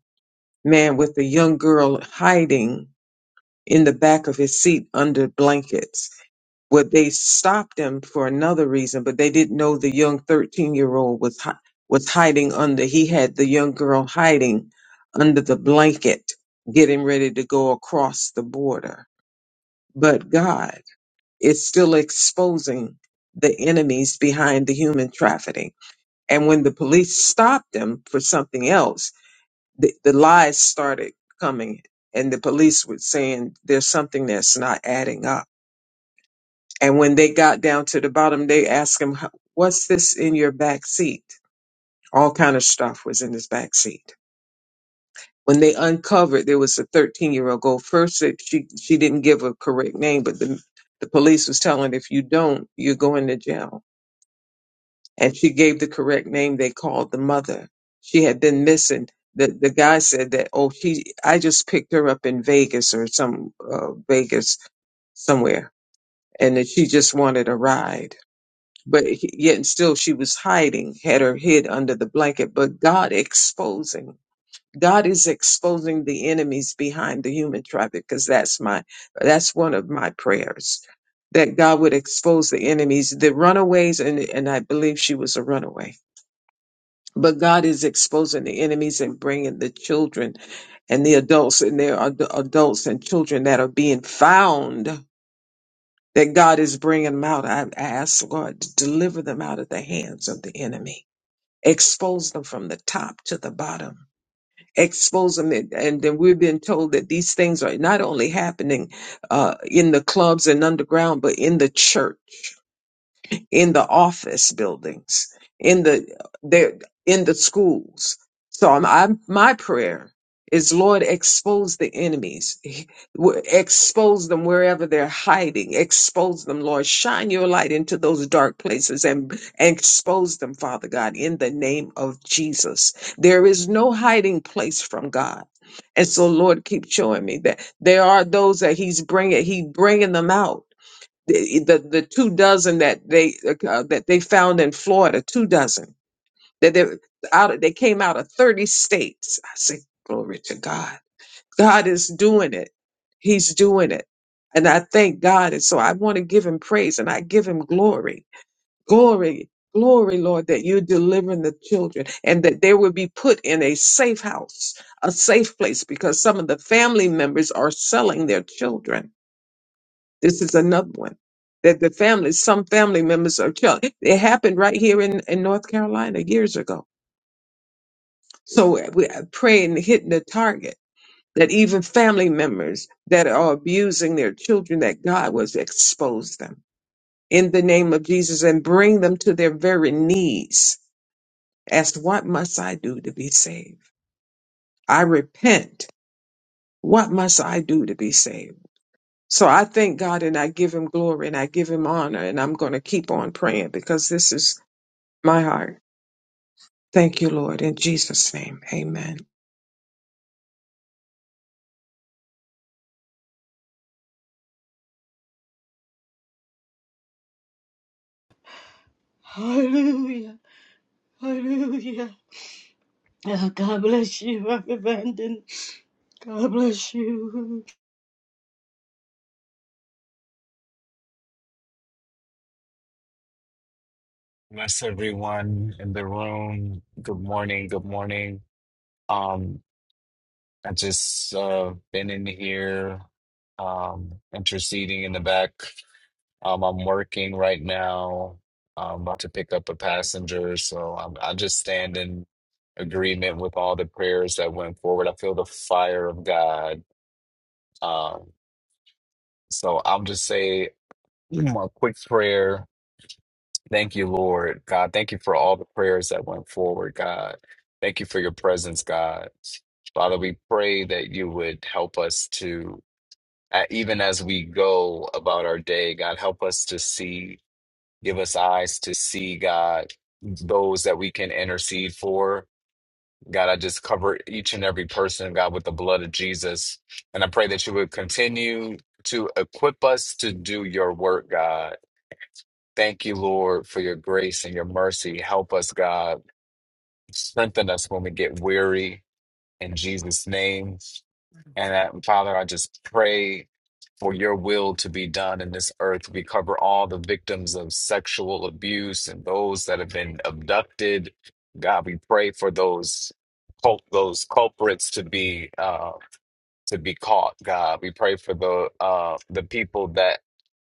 man with a young girl hiding in the back of his seat under blankets. Well, they stopped him for another reason, but they didn't know the young 13 year old was, hi- was hiding under, he had the young girl hiding under the blanket, getting ready to go across the border. But God is still exposing the enemies behind the human trafficking And when the police stopped them for something else, the, the lies started coming, and the police were saying there's something that's not adding up. And when they got down to the bottom, they asked him, "How- "What's this in your back seat?" All kind of stuff was in his back seat. When they uncovered, there was a 13 year old girl. First, that she she didn't give a correct name, but the the police was telling, "If you don't, you're going to jail." and she gave the correct name they called the mother she had been missing the the guy said that oh she i just picked her up in vegas or some uh, vegas somewhere and that she just wanted a ride but he- yet and still she was hiding had her head under the blanket but god exposing god is exposing the enemies behind the human traffic because that's my that's one of my prayers that god would expose the enemies the runaways and and i believe she was a runaway but God is exposing the enemies and bringing the children and the adults, and there are ad- adults and children that are being found that God is bringing them out. I I ask, Lord, to deliver them out of the hands of the enemy. Expose them from the top to the bottom. Expose them. And and then we've been told that these things are not only happening uh, in the clubs and underground, but in the church in the office buildings, in the there in the schools. So I'm, I'm my prayer is Lord expose the enemies, Wh- expose them wherever they're hiding, expose them, Lord, shine your light into those dark places and, and expose them, Father God, in the name of Jesus. There is no hiding place from God. And so, Lord, keep showing me that there are those that He's bringing, He bringing them out the the, the two dozen that they uh, that they found in Florida, two dozen that they out of, they came out of thirty states. I say glory to God. God is doing it. He's doing it, and I thank God. And so I want to give Him praise and I give Him glory, glory, glory, Lord, that you're delivering the children and that they will be put in a safe house, a safe place, because some of the family members are selling their children this is another one that the family, some family members are killed. It happened right here in, in North Carolina years ago. So we I pray and hitting the target that even family members that are abusing their children, that God was expose them in the name of Jesus and bring them to their very knees. Ask, what must I do to be saved? I repent. What must I do to be saved? So I thank God and I give him glory and I give him honor and I'm going to keep on praying because this is my heart. Thank you, Lord. In Jesus' name, amen.
Hallelujah. Hallelujah. Uh, God bless you, Reverend Brandon. God bless you.
Bless everyone in the room. Good morning. Good morning. Um, I just uh been in here um interceding in the back. Um, I'm working right now. I'm about to pick up a passenger, so I'm I just stand in agreement with all the prayers that went forward. I feel the fire of God. Um, so I'll just say a quick prayer Thank you, Lord God. Thank you for all the prayers that went forward, God. Thank you for your presence, God. Father, we pray that you would help us to, uh, even as we go about our day, God, help us to see, give us eyes to see, God, those that we can intercede for. God, I just cover each and every person, God, with the blood of Jesus. And I pray that you would continue to equip us to do your work, God. Thank you, Lord, for your grace and your mercy. Help us, God. Strengthen us when we get weary in Jesus' name. And uh, Father, I just pray for your will to be done in this earth. We cover all the victims of sexual abuse and those that have been abducted. God, we pray for those cul- those culprits to be uh, to be caught. God, we pray for the uh, the people that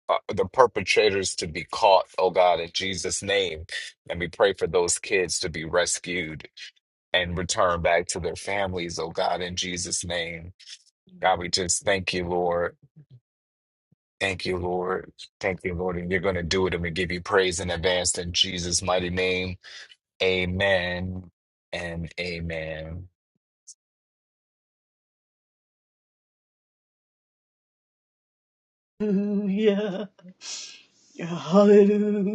uh, the perpetrators to be caught, oh God, in Jesus' name. And we pray for those kids to be rescued and returned back to their families, oh God, in Jesus' name. God, we just thank you, Lord. Thank you, Lord. Thank you, Lord. And you're going to do it. And we give you praise in advance in Jesus' mighty name. Amen and amen.
Hallelujah. Hallelujah.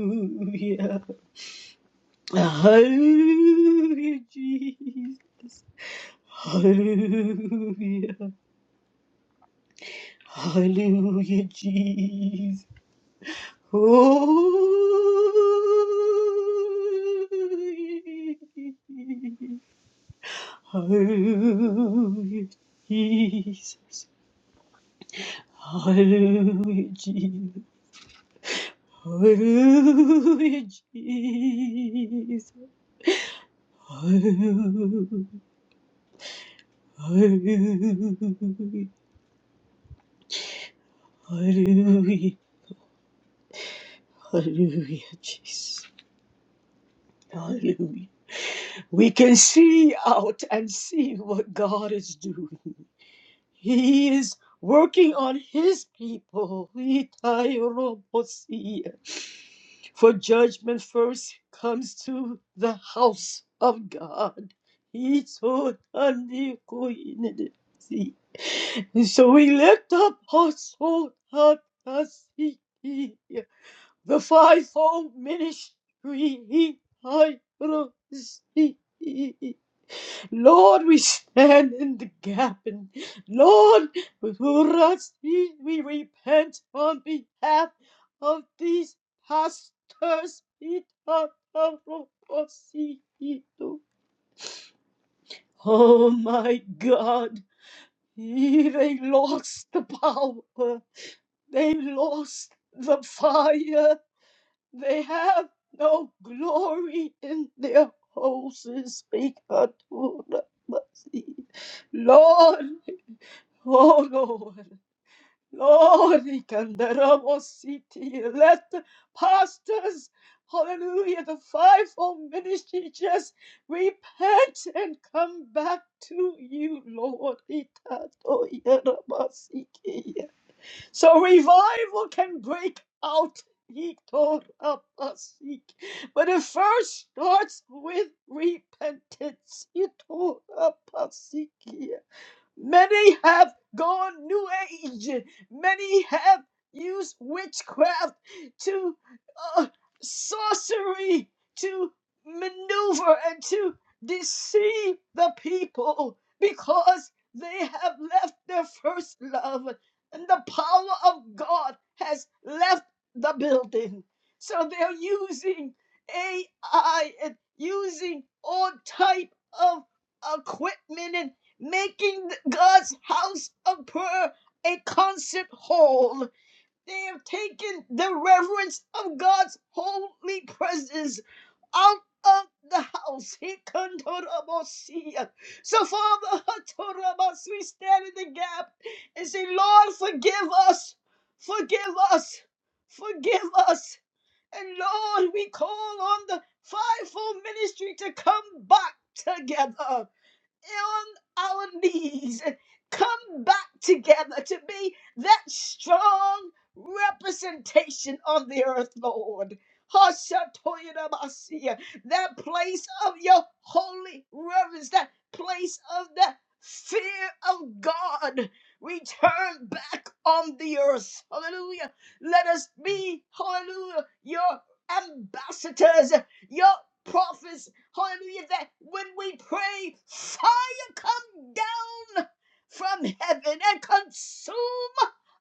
Hallelujah, Jesus. Hallelujah. Jesus. Hallelujah, Jesus. Hallelujah. Hallelujah. Hallelujah, Jesus. Hallelujah. We can see out and see what God is doing. He is working on his people. Itairobosia. For judgment first comes to the house of God. Itotandikoinidisi. And so we lift up also Hatasiki, the fivefold ministry. Itairobosia. Lord, we stand in the gap. And Lord, for us, we we repent on behalf of these pastors. Oh my God. They lost the power. They lost the fire. They have no glory in their houses. Lord, Oh Lord, Lord, Ikandarabositi, let the pastors, hallelujah, the fivefold ministry just repent and come back to you, Lord. Itatoyarabasiki. So revival can break out. Itorabasiki. But it first starts with repentance. Itorabasiki. Many have gone new age. Many have used witchcraft to uh, sorcery to maneuver and to deceive the people because they have left their first love and the power of God has left the building. So they're using AI and using all type of equipment and making God's house of prayer a concert hall. They have taken the reverence of God's holy presence out of the house. He kandarabosia. So, Father, hatorabas, we stand in the gap and say, Lord, forgive us, forgive us, forgive us. And Lord, we call on the fivefold ministry to come back together on our knees and come back together to be that strong representation on the earth, Lord. Hashatoyinamasiya, That place of your holy reverence, that place of the fear of God. Return back on the earth. Hallelujah. Let us be, hallelujah, your ambassadors, your prophets Hallelujah. That when we pray, fire come down from heaven and consume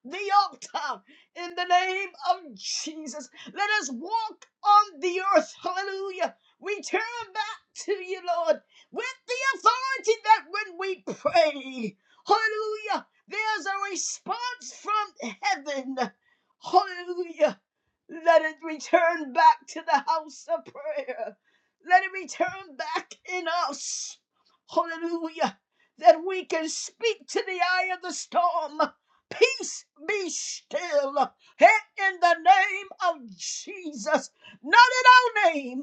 the altar in the name of Jesus. Let us walk on the earth. Hallelujah. We turn back to you, Lord, with the authority that when we pray, hallelujah, there's a response from heaven. Hallelujah. Let it return back to the house of prayer. Let it return back in us. Hallelujah. That we can speak to the eye of the storm. Peace be still. Hey, In the name of Jesus. Not in our name,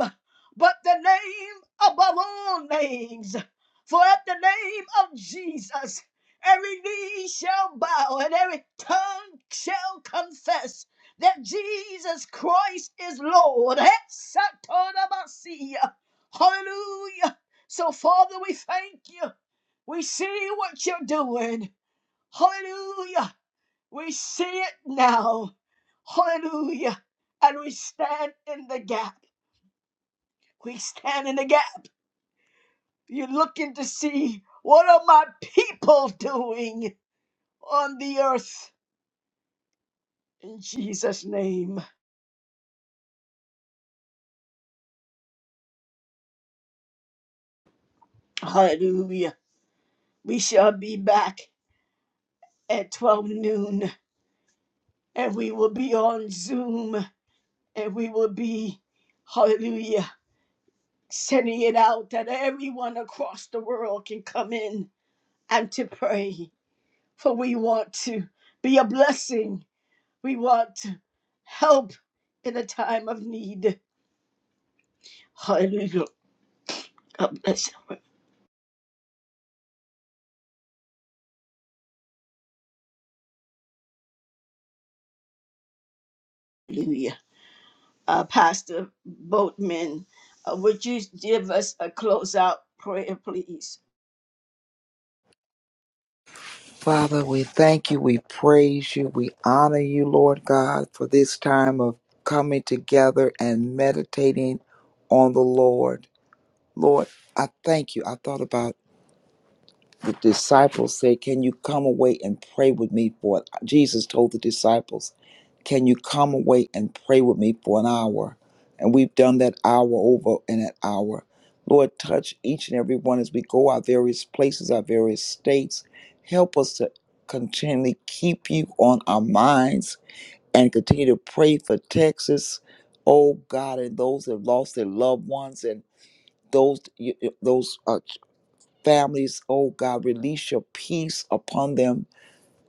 but the name above all names. For at the name of Jesus, every knee shall bow and every tongue shall confess that Jesus Christ is Lord. Hallelujah! Hallelujah. So, Father, we thank you. We see what you're doing. Hallelujah. We see it now. Hallelujah. And we stand in the gap. We stand in the gap. You're looking to see what are my people doing on the earth. In Jesus' name. Hallelujah. We shall be back at 12 noon. and we will be on Zoom and we will be, hallelujah, sending it out that everyone across the world can come in and to pray. For we want to be a blessing, we want to help in a time of need. Hallelujah. God bless you. Hallelujah. Uh, Pastor Boatman, uh, would you give us a closeout prayer, please?
Father, we thank you, we praise you, we honor you, Lord God, for this time of coming together and meditating on the Lord. Lord, I thank you. I thought about the disciples said, Can you come away and pray with me for it?" Jesus told the disciples, Can you come away and pray with me for an hour? And we've done that hour over and that hour. Lord, touch each and every one as we go our various places, our various states. Help us to continually keep you on our minds and continue to pray for Texas, oh God, and those that have lost their loved ones and those you- you- those uh, families, oh God, release your peace upon them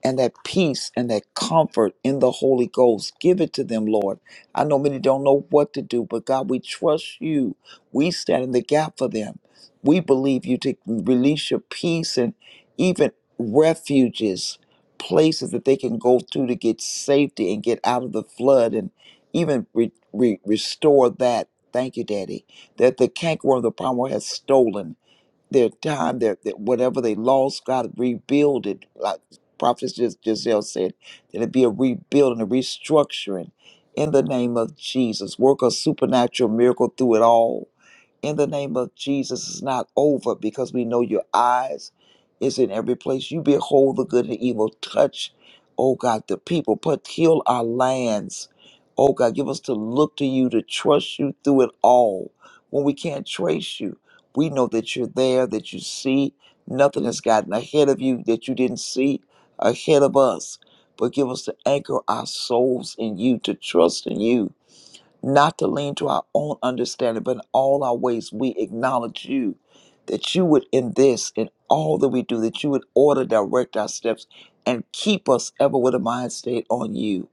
and that peace and that comfort in the Holy Ghost. Give it to them, Lord. I know many don't know what to do, but God, we trust you. We stand in the gap for them. We believe you to release your peace and even refuges, places that they can go through to get safety and get out of the flood and even re- re- restore that. Thank you, Daddy, that the cankerworm, the palmer has stolen their time, their, their whatever they lost, God rebuild it. Like Prophet Gis- Giselle said, that it be a rebuilding, a restructuring in the name of Jesus. Work a supernatural miracle through it all in the name of Jesus is not over because we know your eyes is in every place. You behold the good and the evil. Touch, oh God, the people. Put heal our lands. Oh God, give us to look to you, to trust you through it all. When we can't trace you, we know that you're there, that you see. Nothing has gotten ahead of you that you didn't see ahead of us. But give us to anchor our souls in you, to trust in you not to lean to our own understanding, but in all our ways we acknowledge you, that you would in this, in all that we do, that you would order, direct our steps, and keep us ever with a mind state on you.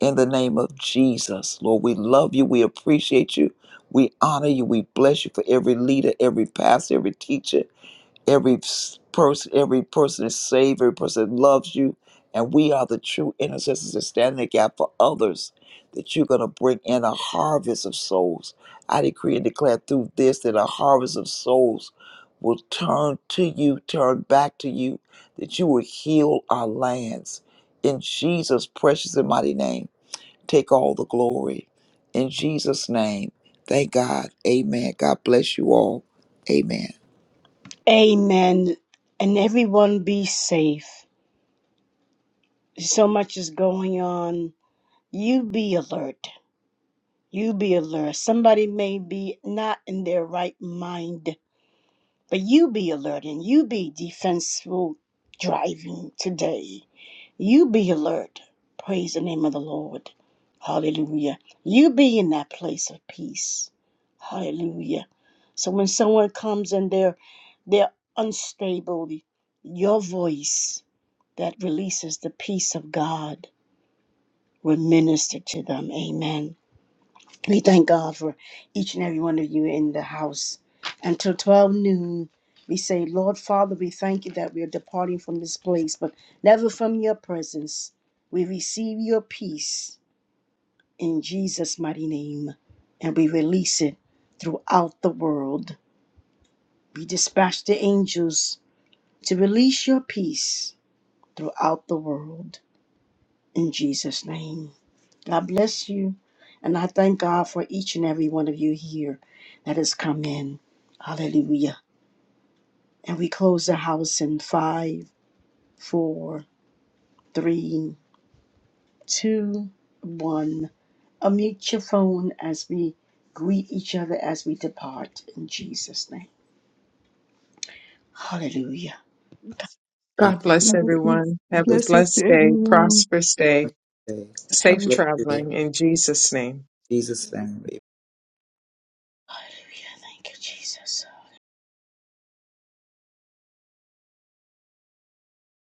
In the name of Jesus, Lord, we love you, we appreciate you, we honor you, we bless you for every leader, every pastor, every teacher, every s- person every person is saved every person loves you and we are the true intercessors that stand in the gap for others that you're going to bring in a harvest of souls i decree and declare through this that a harvest of souls will turn to you turn back to you that you will heal our lands in jesus precious and mighty name take all the glory in jesus name thank god amen god bless you all amen
Amen. And everyone be safe. so much is going on. You be alert. You be alert. Somebody may be not in their right mind, but you be alert and you be defensible driving today. You be alert. Praise the name of the Lord. Hallelujah. You be in that place of peace. Hallelujah. So when someone comes and they're they're unstable, your voice that releases the peace of God would minister to them. Amen. We thank God for each and every one of you in the house. Until 12 noon, we say, Lord Father, we thank you that we are departing from this place, but never from your presence. We receive your peace in Jesus' mighty name, and we release it throughout the world. We dispatch the angels to release your peace throughout the world in Jesus' name. God bless you. And I thank God for each and every one of you here that has come in. Hallelujah. And we close the house in five, four, three, two, one. Unmute your phone as we greet each other as we depart in Jesus' name. Hallelujah.
god
God
bless
bless
you.
Blessings,
everyone. Have
Bless
a
blessings to
blessed day,
everyone.
prosperous day,
Okay. God
safe
Yes.
bless you. In
traveling in Jesus' name.
Jesus' name.
Hallelujah. Thank you, Jesus.